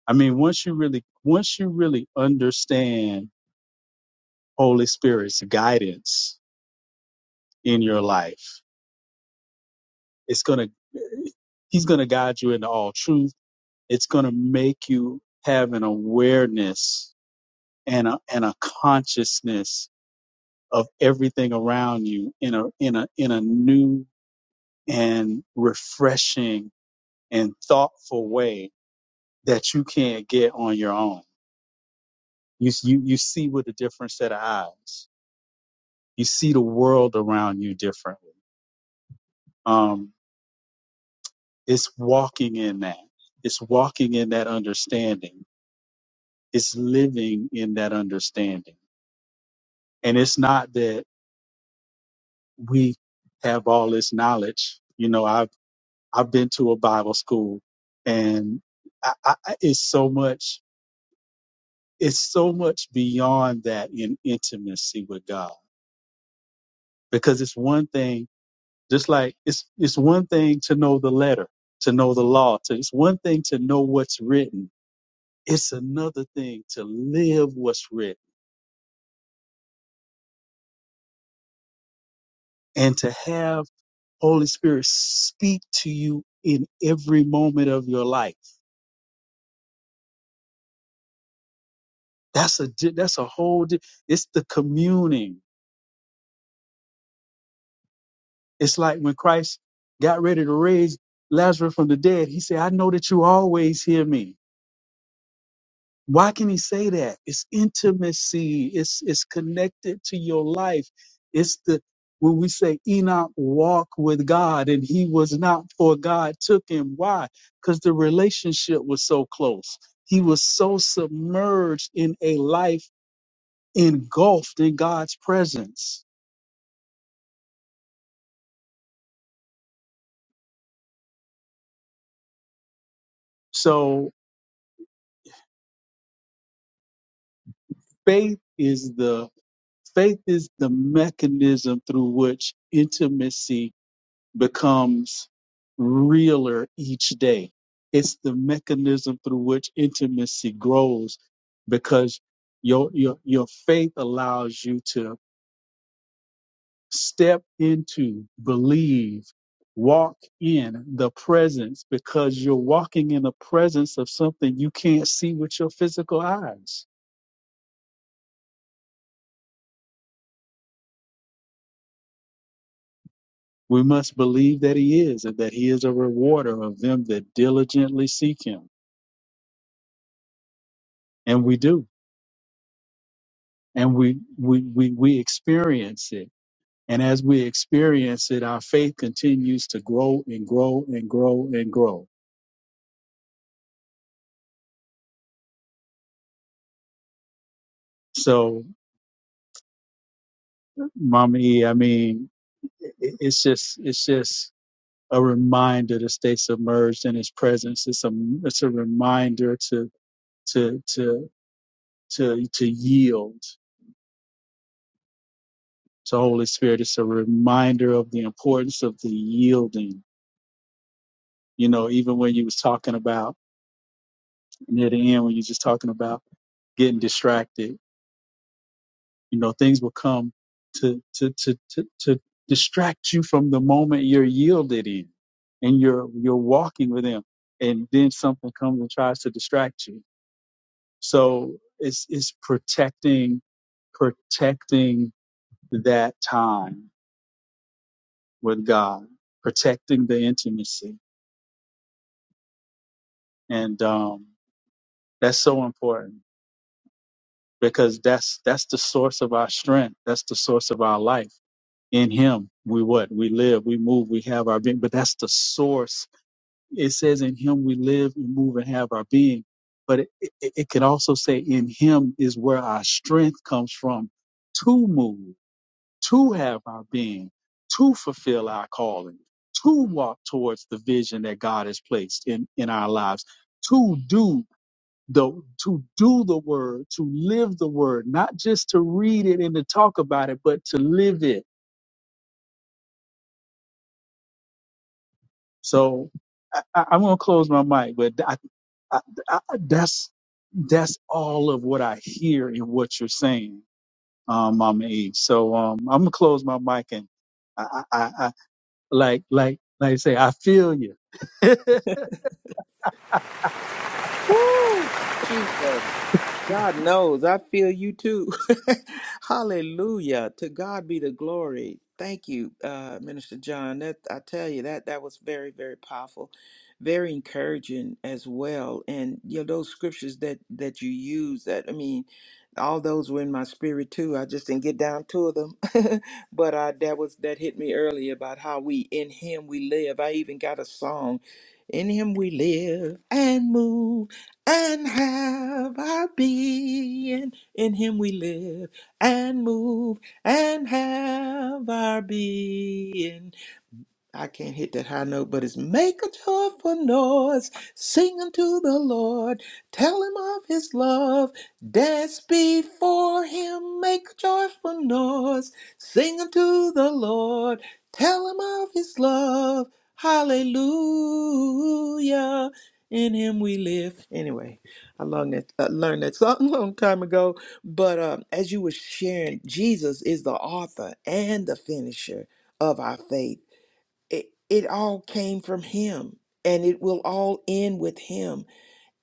Speaker 4: I mean, once you really, once you really understand Holy Spirit's guidance in your life, it's gonna, He's gonna guide you into all truth. It's gonna make you have an awareness and a, and a consciousness of everything around you in a in a in a new and refreshing and thoughtful way that you can't get on your own. You you you see with a different set of eyes. You see the world around you differently. Um, it's walking in that. It's walking in that understanding. It's living in that understanding. And it's not that we have all this knowledge. You know, I've I've been to a Bible school, and I, I, it's so much. It's so much beyond that in intimacy with God, because it's one thing. Just like it's it's one thing to know the letter, to know the law. To, it's one thing to know what's written. It's another thing to live what's written and to have Holy Spirit speak to you in every moment of your life. That's a di- that's a whole. di- It's the communing It's like when Christ got ready to raise Lazarus from the dead, he said, I know that you always hear me. Why can he say that? It's intimacy. It's it's connected to your life. It's the when we say Enoch walked with God and he was not for God took him. Why? Because the relationship was so close. He was so submerged in a life engulfed in God's presence. So faith is the Faith is the mechanism through which intimacy becomes realer each day. It's the mechanism through which intimacy grows because your, your, your faith allows you to step into, believe, walk in the presence because you're walking in the presence of something you can't see with your physical eyes We must believe that he is and that he is a rewarder of them that diligently seek him. And we do. And we, we, we, we experience it. And as we experience it, our faith continues to grow and grow and grow and grow. So, Mama E, I mean, i- it's just, it's just a reminder to stay submerged in his presence. It's a, it's a reminder to, to, to, to, to yield To Holy Spirit, it's a reminder of the importance of the yielding. You know, even when you was talking about near the end, when you just talking about getting distracted, you know, things will come to to to to, to distract you from the moment you're yielded in and you're you're walking with him. And then something comes and tries to distract you. So it's it's protecting protecting that time with God, protecting the intimacy and um, that's so important because that's that's the source of our strength that's the source of our life in him we what we live we move we have our being but that's the source it says in him we live we move and have our being but it, it, it can also say in him is where our strength comes from to move to have our being to fulfill our calling to walk towards the vision that god has placed in in our lives to do the to do the word, to live the word, not just to read it and to talk about it, but to live it. So I, I, I'm gonna close my mic, but I, I, I, that's that's all of what I hear in what you're saying, um, Mama Eve. So um, I'm gonna close my mic and I, I, I I- like like like I say, I feel you.
Speaker 2: Woo! Jesus. God knows. I feel you too. (laughs) Hallelujah. To God be the glory. Thank you, uh, Minister John. That I tell you that that was very, very powerful, very encouraging as well. And you know those scriptures that that you use. That I mean, all those were in my spirit too. I just didn't get down to them, (laughs) but uh, that was that hit me early about how we in Him we live. I even got a song, "In Him We Live and Move." and have our being. In him we live and move and have our being. I can't hit that high note, but it's make a joyful noise, sing unto the Lord, tell him of his love, dance before him, make a joyful noise, sing unto the Lord, tell him of his love, hallelujah. In him we live. Anyway, I learned that, I learned that (laughs) song a long time ago. But um, as you were sharing, Jesus is the author and the finisher of our faith it, it all came from him and it will all end with him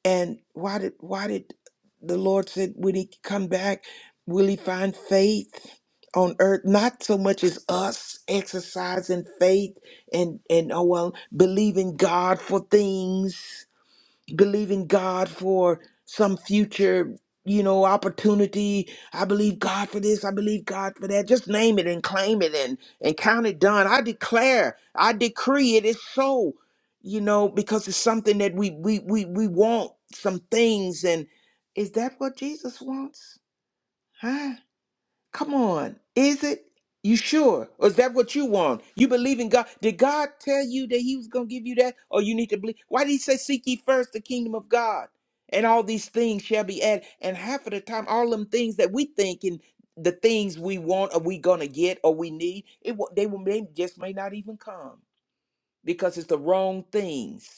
Speaker 2: and why did why did the lord said when he come back will he find faith on earth not so much as us exercising faith and and oh well believing god for things believing God for some future, you know, opportunity. I believe God for this. I believe God for that. Just name it and claim it and, and count it done. I declare, I decree it is so, you know, because it's something that we we we we want some things and is that what Jesus wants? Huh? Come on. Is it? You sure? Or is that what you want? You believe in God? Did God tell you that He was going to give you that? Or you need to believe? Why did He say, Seek ye first the kingdom of God? And all these things shall be added. And half of the time, all them things that we think and the things we want or we going to get or we need, it wa- they, will, they just may not even come because it's the wrong things.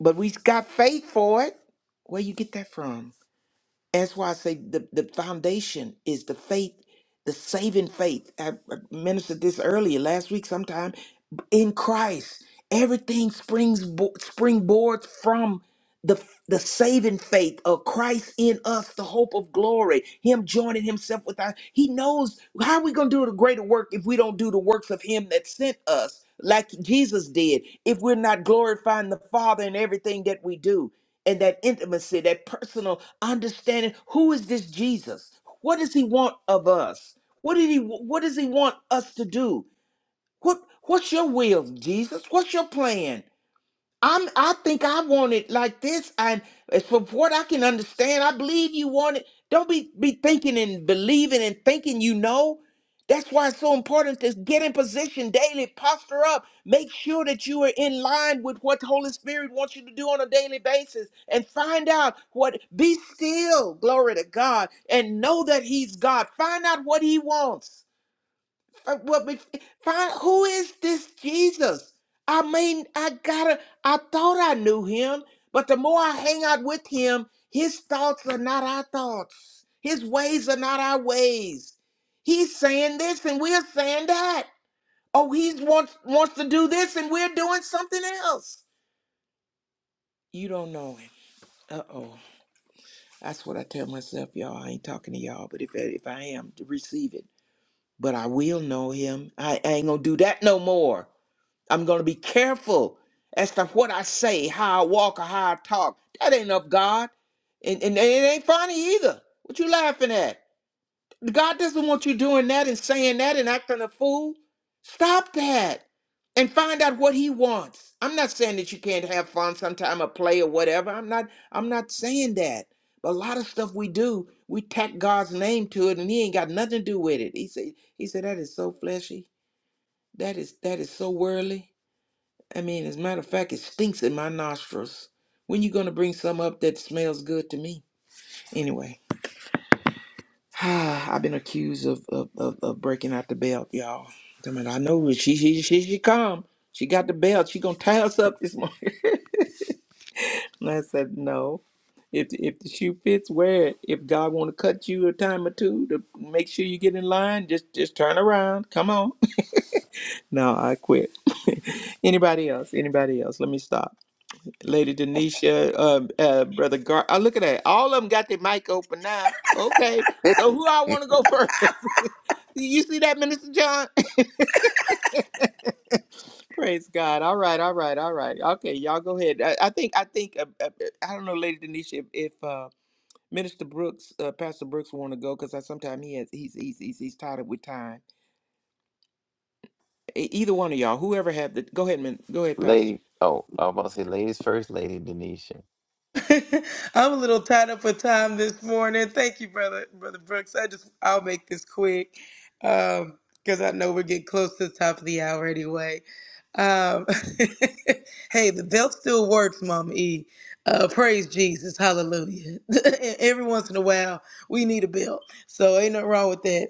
Speaker 2: But we got faith for it. Where you get that from? That's why I say the, the foundation is the faith, the saving faith. I, I ministered this earlier last week sometime in Christ. Everything springs bo- springboards from the the saving faith of Christ in us, the hope of glory, Him joining Himself with us. He knows how are we gonna do the greater work if we don't do the works of Him that sent us, like Jesus did, if we're not glorifying the Father in everything that we do, and that intimacy, that personal understanding. Who is this Jesus? What does he want of us? What did he what does he want us to do? What what's your will, Jesus? What's your plan? I'm I think I want it like this. And as from what I can understand, I believe you want it. Don't be be thinking and believing and thinking you know. That's why it's so important to get in position daily, posture up, make sure that you are in line with what the Holy Spirit wants you to do on a daily basis and find out what be still, glory to God, and know that He's God. Find out what He wants uh, Well, be- find who is this Jesus? I mean, I gotta. I thought I knew him, but the more I hang out with him, his thoughts are not our thoughts. His ways are not our ways. He's saying this, and we're saying that. Oh, he wants wants to do this, and we're doing something else. You don't know him. Uh oh. That's what I tell myself, y'all. I ain't talking to y'all, but if if I am, receive it. But I will know him. I I ain't gonna do that no more. I'm going to be careful as to what I say, how I walk, or how I talk. That ain't of God. And, and it ain't funny either. What you laughing at? God doesn't want you doing that and saying that and acting a fool. Stop that and find out what he wants. I'm not saying that you can't have fun sometime or play or whatever. I'm not I'm not saying that. But a lot of stuff we do, we tack God's name to it and he ain't got nothing to do with it. He said he said that is so fleshy. That is that is so worldly. I mean, as a matter of fact, it stinks in my nostrils. When you gonna bring some up that smells good to me? Anyway, (sighs) I've been accused of, of, of, of breaking out the belt, y'all. I mean, I know it. she she she she come. She got the belt. She gonna tie us up this morning. (laughs) and I said no. If if the shoe fits, wear it. If God want to cut you a time or two to make sure you get in line, just just turn around. Come on. (laughs) no, I quit. (laughs) anybody else? Anybody else? Let me stop. Lady Denisha, um, uh, Brother Gar. I look at that. All of them got their mic open now. Okay.
Speaker 6: (laughs)
Speaker 2: So who I want to go first? (laughs) you see that, Minister John? (laughs) Praise God. All right. All right. All right. Okay. Y'all go ahead. I, I think, I think, uh, uh, uh, I don't know, Lady Denisha, if, if uh, Minister Brooks, uh, Pastor Brooks want to go, because I sometimes he has, he's, he's, he's, he's tied up with time. E- either one of y'all, whoever have the, go ahead, man. Go ahead, Pastor.
Speaker 6: Lady, oh, I was about to say ladies first, Lady Denisha.
Speaker 3: (laughs) I'm a little tied up for time this morning. Thank you, brother, brother Brooks. I just I'll make this quick because I know we're getting close to the top of the hour anyway. Um, (laughs) hey, the belt still works, Mama E. Uh, praise Jesus, Hallelujah. (laughs) Every once in a while, we need a belt, so ain't nothing wrong with that.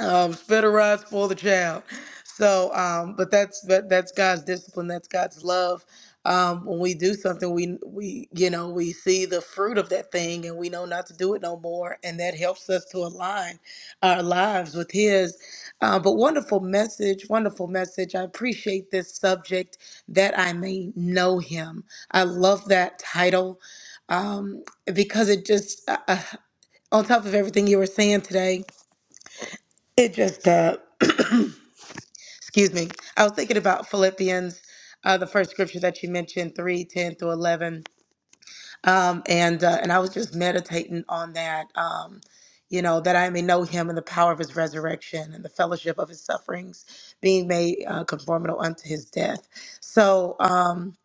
Speaker 3: um, spitterized, spoil the child. So, um, but that's that, that's God's discipline. That's God's love. Um, when we do something, we we you know we see the fruit of that thing, and we know not to do it no more, and that helps us to align our lives with His. Uh, but wonderful message, wonderful message. I appreciate this subject that I may know Him. I love that title um, because it just uh, uh, on top of everything you were saying today, it just uh, excuse me i was thinking about philippians uh, the first scripture that you mentioned 3 10 through 11 um, and uh, and i was just meditating on that um, you know that i may know him and the power of his resurrection and the fellowship of his sufferings being made uh, conformable unto his death so um,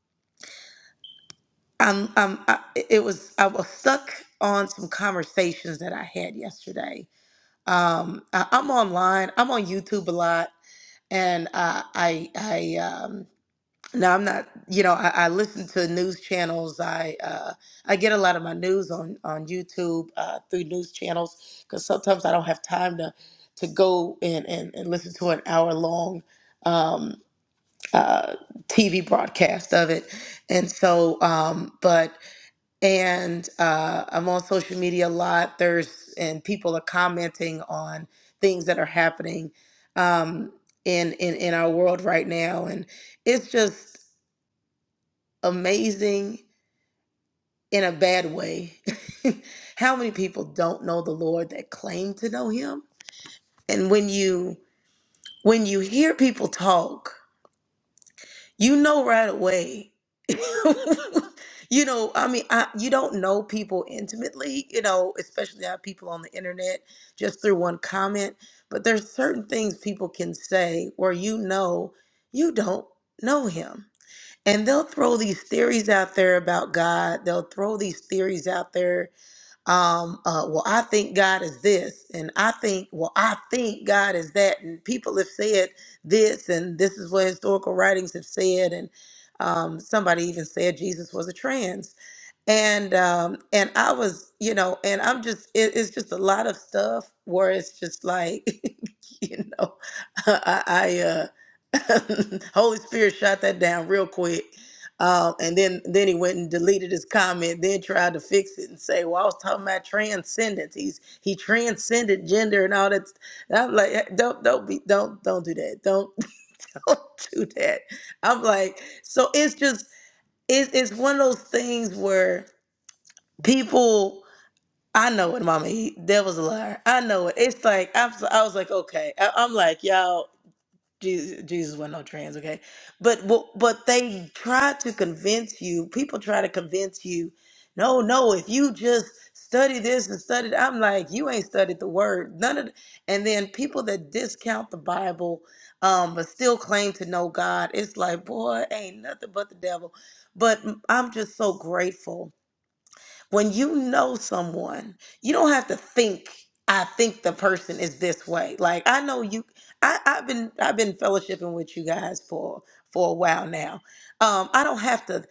Speaker 3: I'm, I'm, I, it was i was stuck on some conversations that i had yesterday um, I, i'm online i'm on youtube a lot and uh, i i um, No, I'm not. You know, I, I listen to news channels. I uh, I get a lot of my news on on YouTube uh, through news channels because sometimes I don't have time to to go and and, and listen to an hour long um, uh, TV broadcast of it. And so, um, but and uh, I'm on social media a lot. There's and people are commenting on things that are happening um, in in in our world right now and it's just amazing in a bad way. (laughs) How many people don't know the Lord that claim to know him? And when you when you hear people talk, you know right away. (laughs) you know, I mean, I, you don't know people intimately, you know, especially our people on the internet just through one comment, but there's certain things people can say where you know you don't know him and they'll throw these theories out there about God. They'll throw these theories out there. Um, uh, well, I think God is this, and I think, well, I think God is that, and people have said this, and this is what historical writings have said, and um, somebody even said Jesus was a trans and um and i was you know and i'm just it, it's just a lot of stuff where it's just like (laughs) you know (laughs) i i uh (laughs) holy spirit shot that down real quick um and then then he went and deleted his comment then tried to fix it and say well i was talking about transcendence he's he transcended gender and all that and i'm like "Eh, don't don't be don't don't do that don't (laughs) don't do that i'm like so it's just it's it's one of those things where people i know what mama eat devil's a liar i know it it's like i'm so- i was like okay I, i'm like y'all jesus, jesus wasn't no trans okay but but but they try to convince you people try to convince you no no if you just study this and study that," i'm like you ain't studied the word none of the, and then people that discount the bible um but still claim to know god it's like boy ain't nothing but the devil but mm, i'm just so grateful when you know someone, you don't have to think, I think the person is this way. Like I know you I, I've been I've been fellowshipping with you guys for for a while now. Um, I don't have to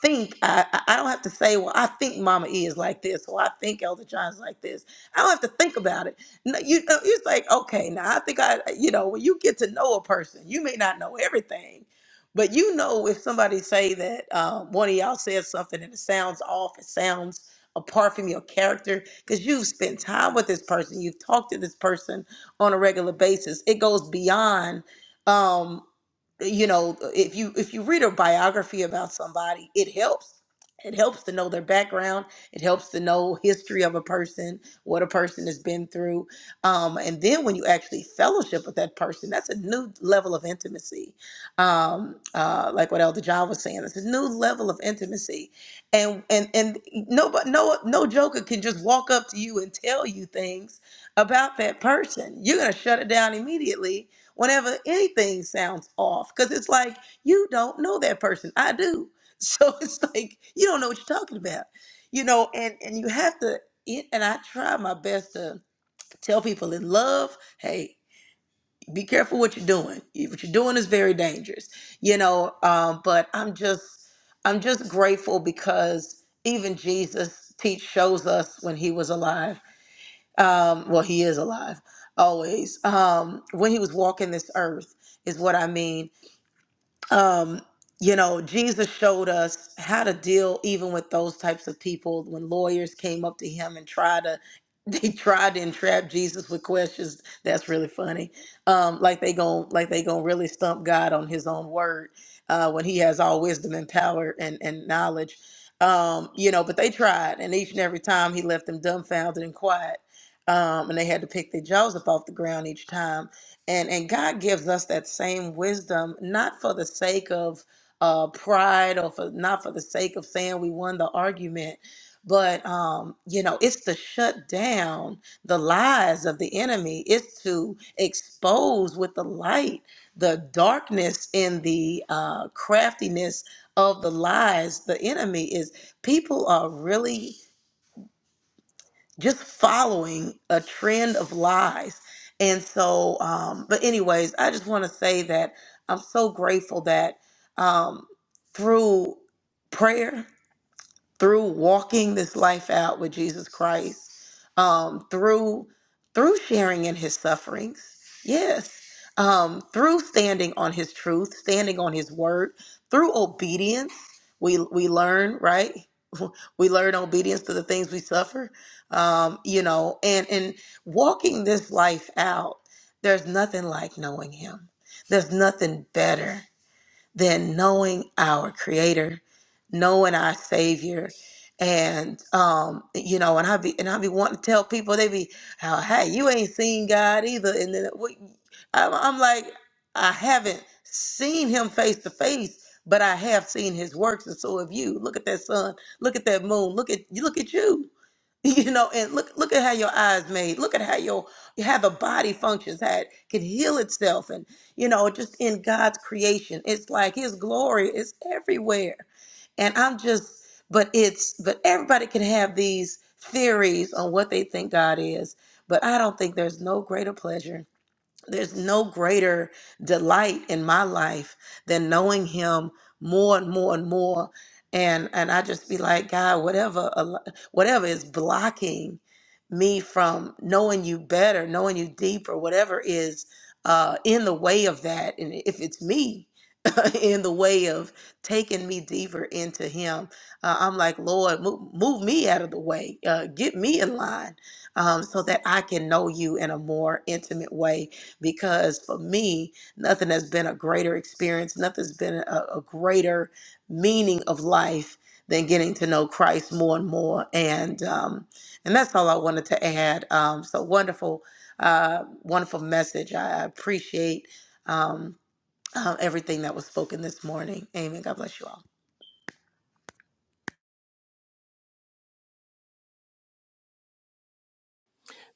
Speaker 3: think I, I I don't have to say, well, I think Mama E is like this, or I think Elder John's like this. I don't have to think about it. No, you know, it's like, okay, now I think I, you know, when you get to know a person, you may not know everything, but you know if somebody say that um, one of y'all says something and it sounds off, it sounds apart from your character because you've spent time with this person you've talked to this person on a regular basis it goes beyond um you know if you if you read a biography about somebody it helps it helps to know their background it helps to know history of a person what a person has been through um, and then when you actually fellowship with that person that's a new level of intimacy um, uh, like what elder john was saying it's a new level of intimacy and and and no but no no joker can just walk up to you and tell you things about that person you're going to shut it down immediately whenever anything sounds off because it's like you don't know that person i do so (laughs) it's like you don't know what you're talking about you know and and you have to it- and i try my best to tell people in love hey be careful what you're doing what you're doing is very dangerous you know um, but i'm just i'm just grateful because even jesus teach shows us when he was alive um well he is alive always um when he was walking this earth is what i mean um, you know, Jesus showed us how to deal even with those types of people when lawyers came up to him and tried to (laughs) they tried to entrap Jesus with questions. That's really funny. Um, like they gon' like they gonna really stump God on his own word uh, when he has all wisdom and power and, and knowledge. Um, you know, but they tried and each and every time he left them dumbfounded and quiet. Um, and they had to pick their jaws up off the ground each time and and God gives us that same wisdom, not for the sake of uh, pride or for not for the sake of saying we won the argument, but um, you know, it's to shut down the lies of the enemy. It's to expose with the light the darkness in the uh, craftiness of the lies. The enemy is people are really just following a trend of lies. And so, um, but anyways, I just want to say that I'm so grateful that um, through prayer through walking this life out with Jesus Christ, um, through through sharing in his sufferings, yes, um, through standing on his truth, standing on his word, through obedience, we we learn right. (laughs) We learn obedience to the things we suffer, um, you know, and and walking this life out. There's nothing like knowing him. There's nothing better than knowing our creator knowing our savior and um you know and i be and i be wanting to tell people they be oh, hey you ain't seen god either and then what I'm, I'm like i haven't seen him face to face but i have seen his works and so have you look at that sun look at that moon look at you look at you (laughs) you know and look look at how your eyes made look at how your how the body functions how it can heal itself and you know just in god's creation it's like his glory is everywhere and i'm just but it's but everybody can have these theories on what they think god is but i don't think there's no greater pleasure there's no greater delight in my life than knowing him more and more and more. And and I just be like, God, whatever al- whatever is blocking me from knowing you better, knowing you deeper, whatever is uh, in the way of that, and if it's me (laughs) in the way of taking me deeper into Him, uh, I'm like, Lord, move, move me out of the way, uh, get me in line, um, so that I can know You in a more intimate way because for me, nothing has been a greater experience, nothing's been a, a greater meaning of life than getting to know Christ more and more. And um, and that's all I wanted to add. Um, so wonderful, uh, wonderful message. I I appreciate um, uh, everything that was spoken this morning. Amen. God bless you all.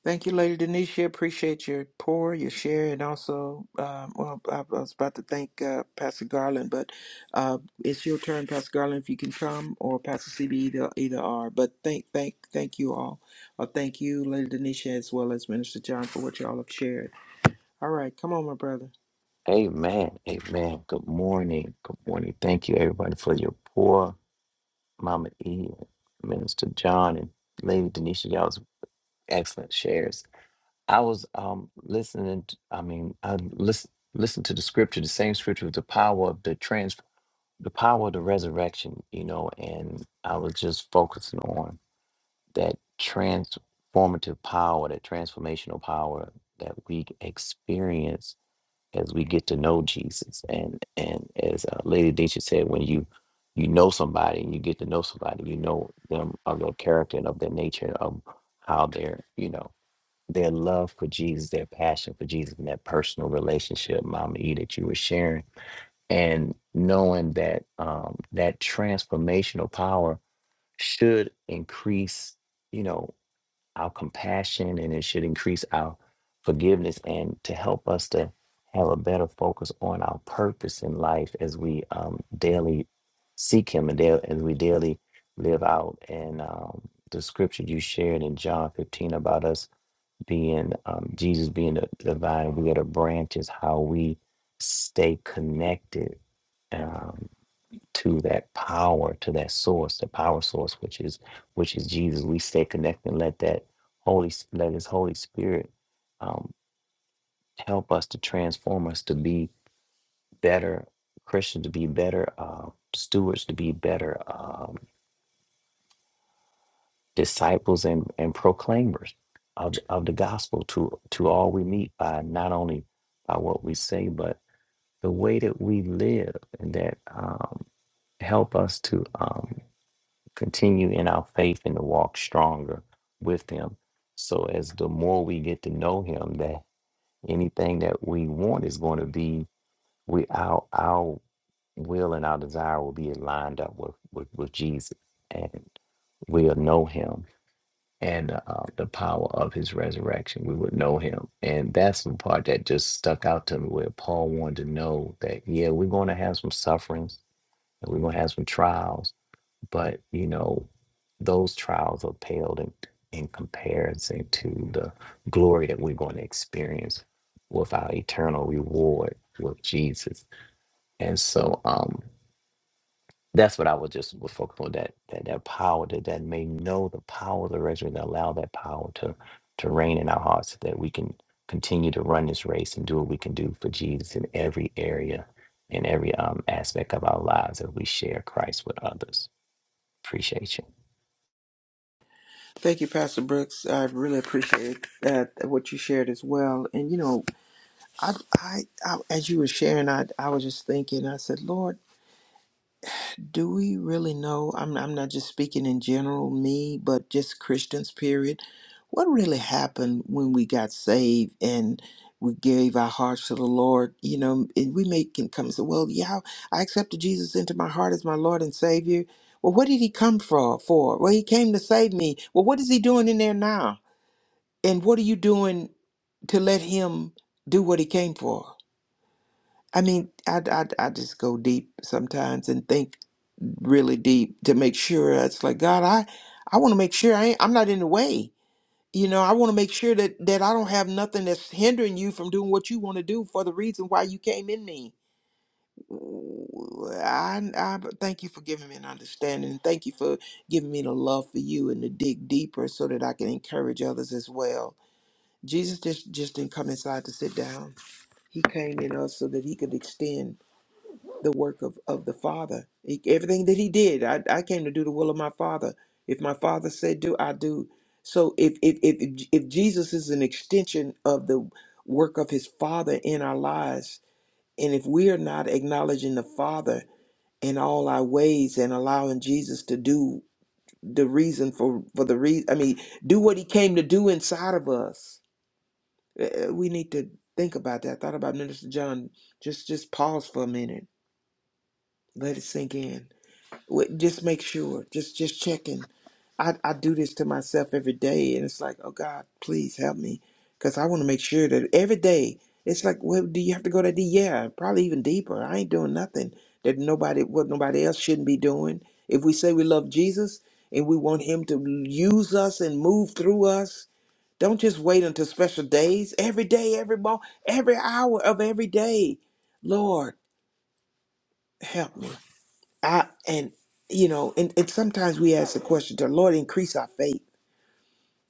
Speaker 2: Thank you, Lady Denisha. Appreciate your pour, your share, and also, um, well, I, I was about to thank uh, Pastor Garland, but uh, it's your turn, Pastor Garland, if you can come, or Pastor CB, either, either or. But thank, thank, thank you all. Uh, thank you, Lady Denisha, as well as Minister John, for what y'all have shared. All right, come on, my brother.
Speaker 6: Amen. Amen. Good morning. Good morning. Thank you, everybody, for your poor Mama E, Minister John, and Lady Denisha. Y'all's excellent shares. I was um listening. t- I mean, I listen listen to the scripture, the same scripture with the power of the trans, the power of the resurrection. You know, and I was just focusing on. that transformative power, that transformational power that we experience as we get to know Jesus. And and as uh, Lady Deisha said, when you you know somebody and you get to know somebody, you know them of their character and of their nature and of how their you know their love for Jesus, their passion for Jesus, and that personal relationship, Mama E, that you were sharing, and knowing that um, that transformational power should increase. You know our compassion and it should increase our forgiveness and to help us to have a better focus on our purpose in life as we um, daily seek him and daily, as we daily live out and um, the scripture you shared in john 15 about us being um, jesus being the, the vine we are the branches how we stay connected um, to that power, to that source, the power source, which is which is Jesus. We stay connected and let that Holy S- let His Holy Spirit um, help us to transform us to be better Christians, to be better uh, stewards, to be better um, disciples and and proclaimers of the- of the gospel to to all we meet by not only by what we say but the way that we live and that um, help us to um, continue in our faith and to walk stronger with him. So as the more we get to know him, that anything that we want is going to be we our our will and our desire will be lined up with with, with Jesus, and we'll know him and uh, the power of his resurrection. We would know him, and that's the part that just stuck out to me. Where Paul wanted to know that yeah, we're going to have some sufferings, and we're going to have some trials, but you know those trials are paled in, in comparison to the glory that we're going to experience with our eternal reward with jesus and so um that's what i was just was focused on that that, that power that, that may know the power of the resurrection and allow that power to to reign in our hearts so that we can continue to run this race and do what we can do for jesus in every area in every um, aspect of our lives as we share christ with others appreciate you
Speaker 2: Thank you, Pastor Brooks. I really appreciate uh, what you shared as well. And you know, I, I, I as you were sharing, I, I was just thinking. I said, Lord. Do we really know? I'm, I'm not just speaking in general, me, but just Christians, period. What really happened when we got saved and we gave our hearts to the Lord? You know, and we may can come and say, well, yeah, I accepted Jesus into my heart as my Lord and Savior. Well, what did he come for? For well, he came to save me. Well, what is he doing in there now? And what are you doing to let him do what he came for? I mean, I, I, I just go deep sometimes and think really deep to make sure it's like God, I, I want to make sure I ain't, I'm not in the way. You know, I want to make sure that that I don't have nothing that's hindering you from doing what you want to do for the reason why you came in me. Ooh, I, I thank you for giving me an understanding. and Thank you for giving me the love for you and to dig deeper so that I can encourage others as well. Jesus just just didn't come inside to sit down. He came in us so that he could extend the work of, of the Father. He, everything that he did, I, I came to do the will of my Father. If my Father said do, I do. So if if if if Jesus is an extension of the work of his Father in our lives, and if we are not acknowledging the Father in all our ways and allowing Jesus to do the reason for for the reason, I mean, do what he came to do inside of us. Uh, uh, We need to think about that. I thought about Minister John. Just just pause for a minute. Let it sink in. Wait, Just make sure. Just just checking. I I do this to myself every day, and it's like, oh God, please help me, because I want to make sure that every day it's like, well, do you have to go that deep? Yeah, probably even deeper. I ain't doing nothing that nobody, what nobody else shouldn't be doing. If we say we love Jesus and we want Him to use us and move through us, don't just wait until special days. Every day, every moment, every hour of every day, Lord, help me. I and you know, and, and sometimes we ask the question, "The Lord increase our faith."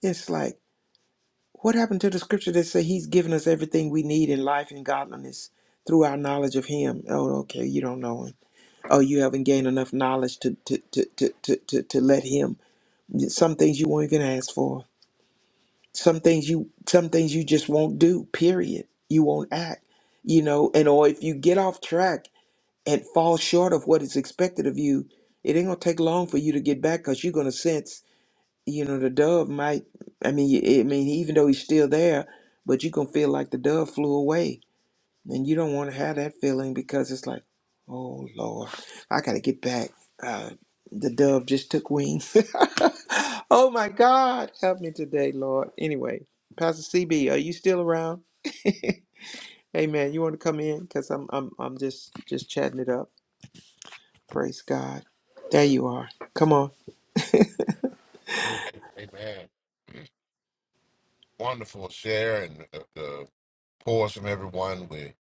Speaker 2: It's like, what happened to the scripture that say He's given us everything we need in life and godliness through our knowledge of Him? Oh, okay, you don't know Him. Oh, you haven't gained enough knowledge to to to to to to, to let Him. Some things you won't even ask for. Some things you some things you just won't do. Period. You won't act. You know, and or if you get off track. and fall short of what is expected of you, it ain't gonna take long for you to get back because you're gonna sense, you know, the dove might. I mean, I mean, even though he's still there, but you gonna feel like the dove flew away, and you don't want to have that feeling because it's like, oh Lord, I gotta get back. Uh, the dove just took wing. (laughs) oh my God, help me today, Lord. Anyway, Pastor CB, are you still around? Hey man, you want to come in? Cause I'm I'm I'm just just chatting it up. Praise God. There you are. Come on.
Speaker 5: Amen. Amen. Wonderful share and the, the pause from everyone. We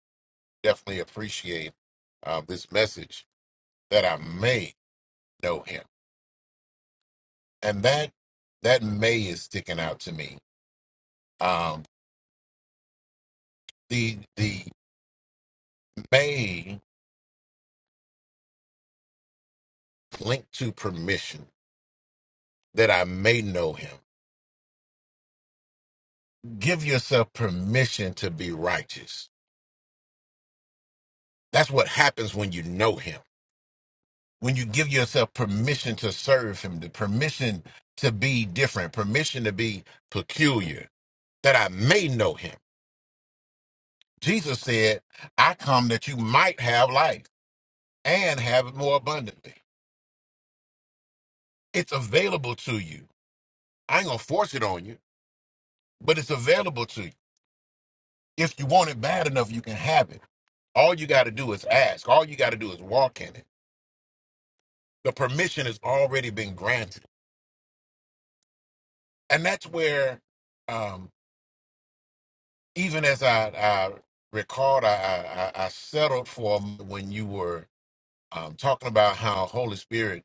Speaker 5: definitely appreciate uh, this message that I may know him, and that that may is sticking out to me. Um, the the may linked to permission that I may know him. give yourself permission to be righteous. That's what happens when you know him. When you give yourself permission to serve him, the permission to be different, permission to be peculiar, that I may know him. Jesus said, I come that you might have life and have it more abundantly. It's available to you. I ain't gonna force it on you, but it's available to you. If you want it bad enough, you can have it. All you gotta do is ask. All you gotta do is walk in it. The permission has already been granted. and that's where um even as i i recalled i i, I I settled for a moment when you were um talking about how holy spirit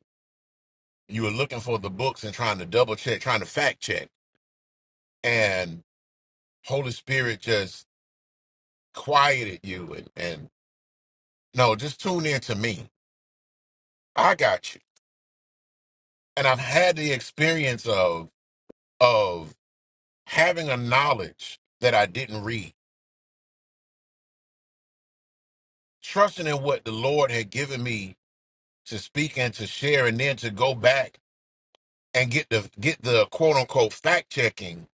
Speaker 5: you were looking for the books and trying to double check trying to fact check and holy spirit just quieted you and and no just tune in to me i got you and i've had the experience of of having a knowledge that i didn't read trusting in what the lord had given me to speak and to share and then to go back and get the get the quote unquote fact checking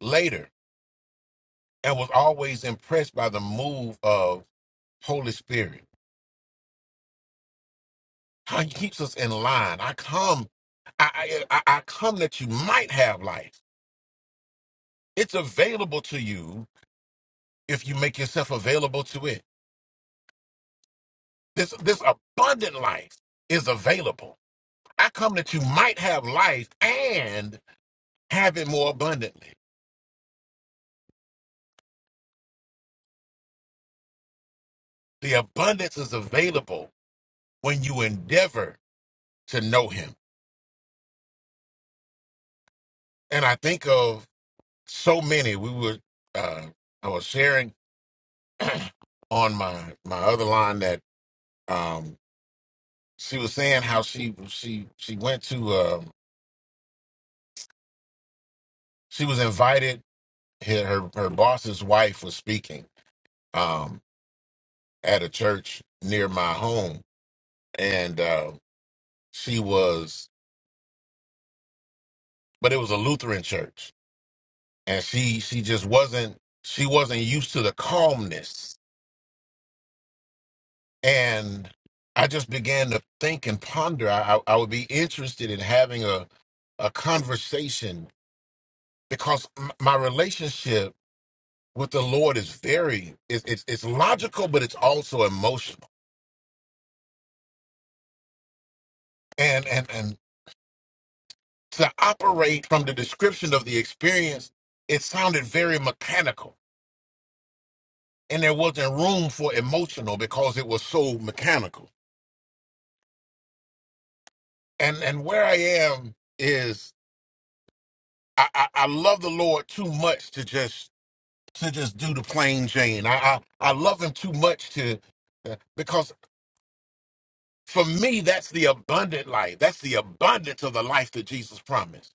Speaker 5: later and was always impressed by the move of Holy Spirit. How he keeps us in line. I come I, I I I come that you might have life. It's available to you if you make yourself available to it. This this abundant life is available. I come that you might have life and have it more abundantly. The abundance is available when you endeavor to know him. And I think of so many. We were uh I was sharing (clears throat) on my my other line that um she was saying how she she she went to um she was invited her her, her boss's wife was speaking um at a church near my home and uh she was but it was a Lutheran church and she she just wasn't she wasn't used to the calmness And I just began to think and ponder. I, I would be interested in having a, a conversation because m- my relationship with the Lord is very, it's, it's, it's logical, but it's also emotional. And, and, and to operate from the description of the experience, it sounded very mechanical. And there wasn't room for emotional because it was so mechanical. And, and where I am is I, I, I love the Lord too much to just to just do the plain Jane. I I, I love him too much to uh, because for me that's the abundant life. That's the abundance of the life that Jesus promised.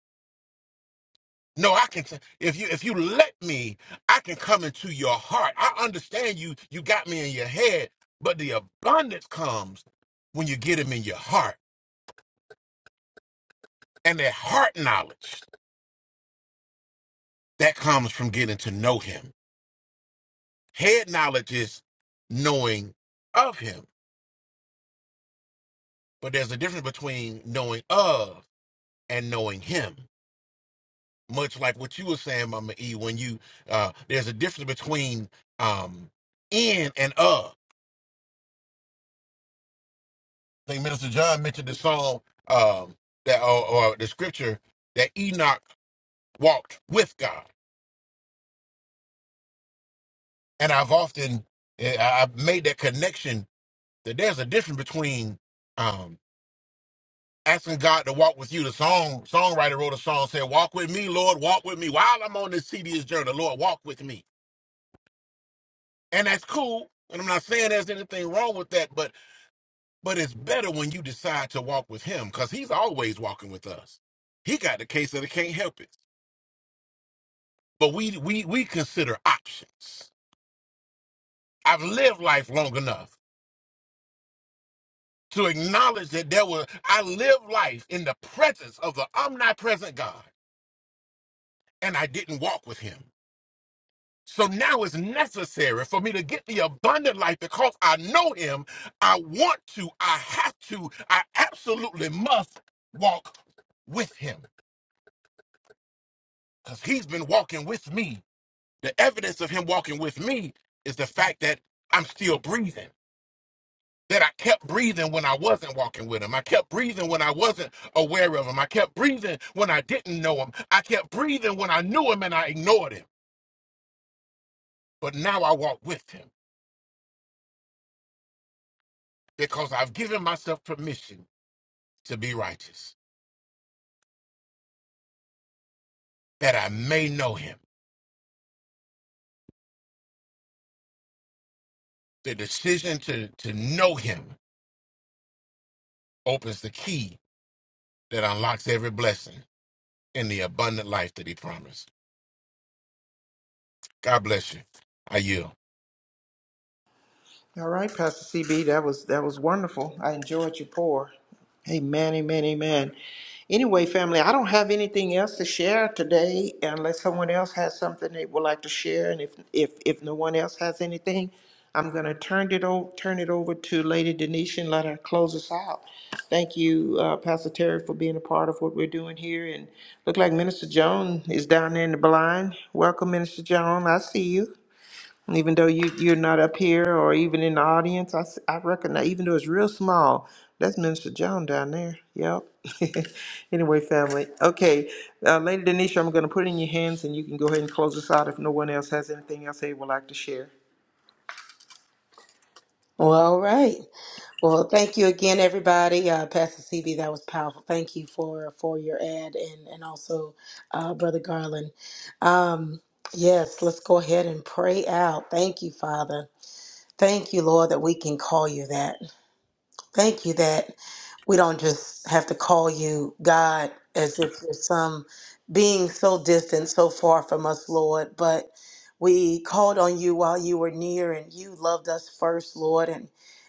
Speaker 5: No, I can t- if you if you let me, I can come into your heart. I understand you you got me in your head, but the abundance comes when you get him in your heart. And that heart knowledge that comes from getting to know him. Head knowledge is knowing of him. But there's a difference between knowing of and knowing him much like what you were saying mama e when you uh there's a difference between um in and of i think minister john mentioned the song um that or, or the scripture that enoch walked with god and i've often eh, I- i've made that connection that there's a difference between um asking god to walk with you the song songwriter wrote a song said walk with me lord walk with me while i'm on this tedious journey lord walk with me and that's cool. And I'm not saying there's anything wrong with that, but but it's better when you decide to walk with Him because He's always walking with us. He got the case that it can't help it, but we we we consider options. I've lived life long enough to acknowledge that there were I lived life in the presence of the omnipresent God, and I didn't walk with Him. So now it's necessary for me to get the abundant life because I know him. I want to, I have to, I absolutely must walk with him because he's been walking with me. The evidence of him walking with me is the fact that I'm still breathing. That I kept breathing when I wasn't walking with him. I kept breathing when I wasn't aware of him. I kept breathing when I didn't know him. I kept breathing when I knew him and I ignored him. But now I walk with him because I've given myself permission to be righteous, that I may know him. The decision to, to know him opens the key that unlocks every blessing and the abundant life that he promised. God bless you. I yield.
Speaker 2: All right, Pastor CB, that was that was wonderful. I enjoyed your pour. Amen, amen, amen. Anyway, family, I don't have anything else to share today, unless someone else has something they would like to share. And if if if no one else has anything, I'm gonna turn it over turn it over to Lady Denisha and let her close us out. Thank you, uh, Pastor Terry, for being a part of what we're doing here. And look like Minister Joan is down there in the blind. Welcome, Minister Joan. I see you. even though you you're not up here or even in the audience. I s- I recognize even though it's real small. That's Minister Joan down there. Yep. (laughs) anyway, family. Okay, uh, Lady Denisha, I'm going to put it in your hands, and you can go ahead and close this out if no one else has anything else they would like to share.
Speaker 3: Well, all right. Well, thank you again, everybody. Uh, Pastor CB, that was powerful. Thank you for for your ad and and also uh, Brother Garland. Um, yes, let's go ahead and pray out. Thank you, Father. Thank you, Lord, that we can call you that. Thank you that we don't just have to call you God as if you're some being so distant, so far from us, Lord, but we called on you while you were near and you loved us first, Lord, and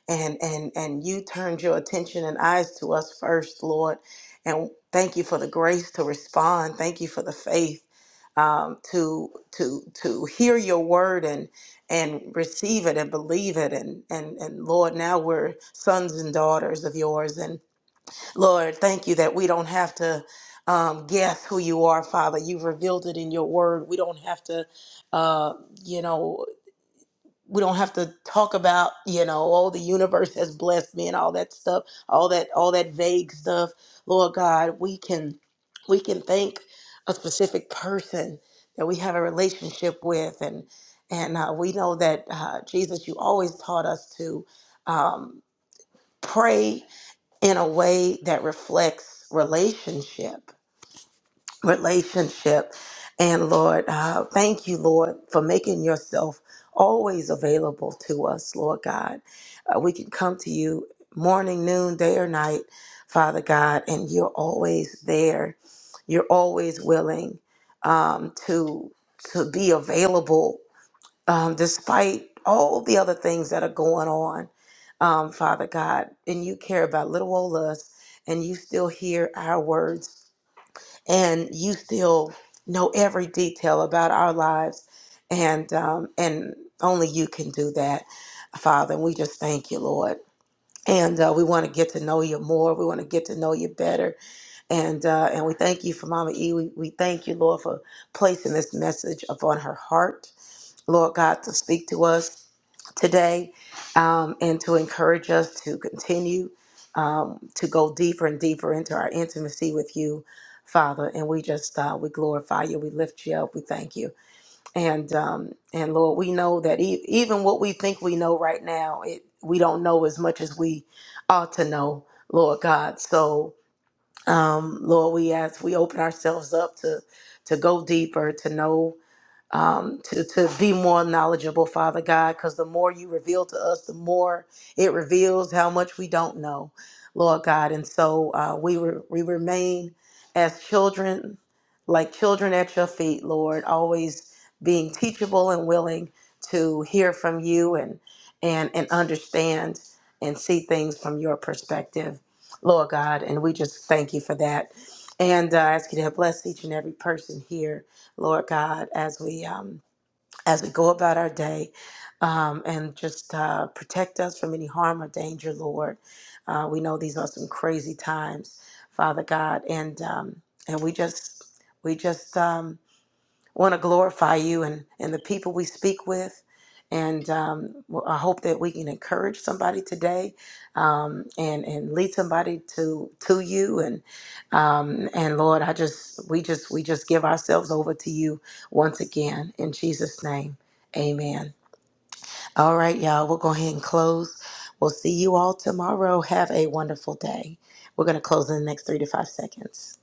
Speaker 3: and and and you turned your attention and eyes to us first, Lord. And thank you for the grace to respond. Thank you for the faith um, to to to hear your word and receive it and believe it and and and Lord now we're sons and daughters of yours and Lord thank you that we don't have to um, guess who you are Father you've revealed it in your word we don't have to uh, you know we don't have to talk about you know oh the universe has blessed me and all that stuff all that all that vague stuff lord god we can we can thank a specific person that we have a relationship with and and uh, we know that uh, jesus you always taught us to um, pray in a way that reflects relationship relationship. And Lord, uh, thank you, Lord, for making yourself always available to us, Lord God. Uh, we can come to you morning, noon, day, or night, Father God, and you're always there. You're always willing um, to to be available, um, despite all the other things that are going on, um, Father God. And you care about little old us, and you still hear our words and you still know every detail about our lives and um, and only you can do that father and we just thank you lord and uh, we want to get to know you more we want to get to know you better and uh, and we thank you for mama e we, we thank you lord for placing this message upon her heart lord god to speak to us today um, and to encourage us to continue um, to go deeper and deeper into our intimacy with you, Father. And we just, uh, we glorify you, we lift you up, we thank you. And, um, and Lord, we know that e- even what we think we know right now, it, we don't know as much as we ought to know, Lord God. So, um, Lord, we ask, we open ourselves up to, to go deeper, to know um, to, to be more knowledgeable, Father God, because the more you reveal to us, the more it reveals how much we don't know, Lord God. And so uh, we, re- we remain as children, like children at your feet, Lord, always being teachable and willing to hear from you and, and, and understand and see things from your perspective, Lord God. And we just thank you for that. And uh, I ask you to bless each and every person here Lord God, as we um, as we go about our day, um, and just uh, protect us from any harm or danger, Lord. Uh, we know these are some crazy times, Father God, and um, and we just we just um, want to glorify you and, and the people we speak with. And um, well, I hope that we can encourage somebody today um, and, and lead somebody to to you. And um, and Lord, I just we just we just give ourselves over to you once again in Jesus' name. Amen. All right, y'all, we'll go ahead and close. We'll see you all tomorrow. Have a wonderful day. We're going to close in the next three to five seconds.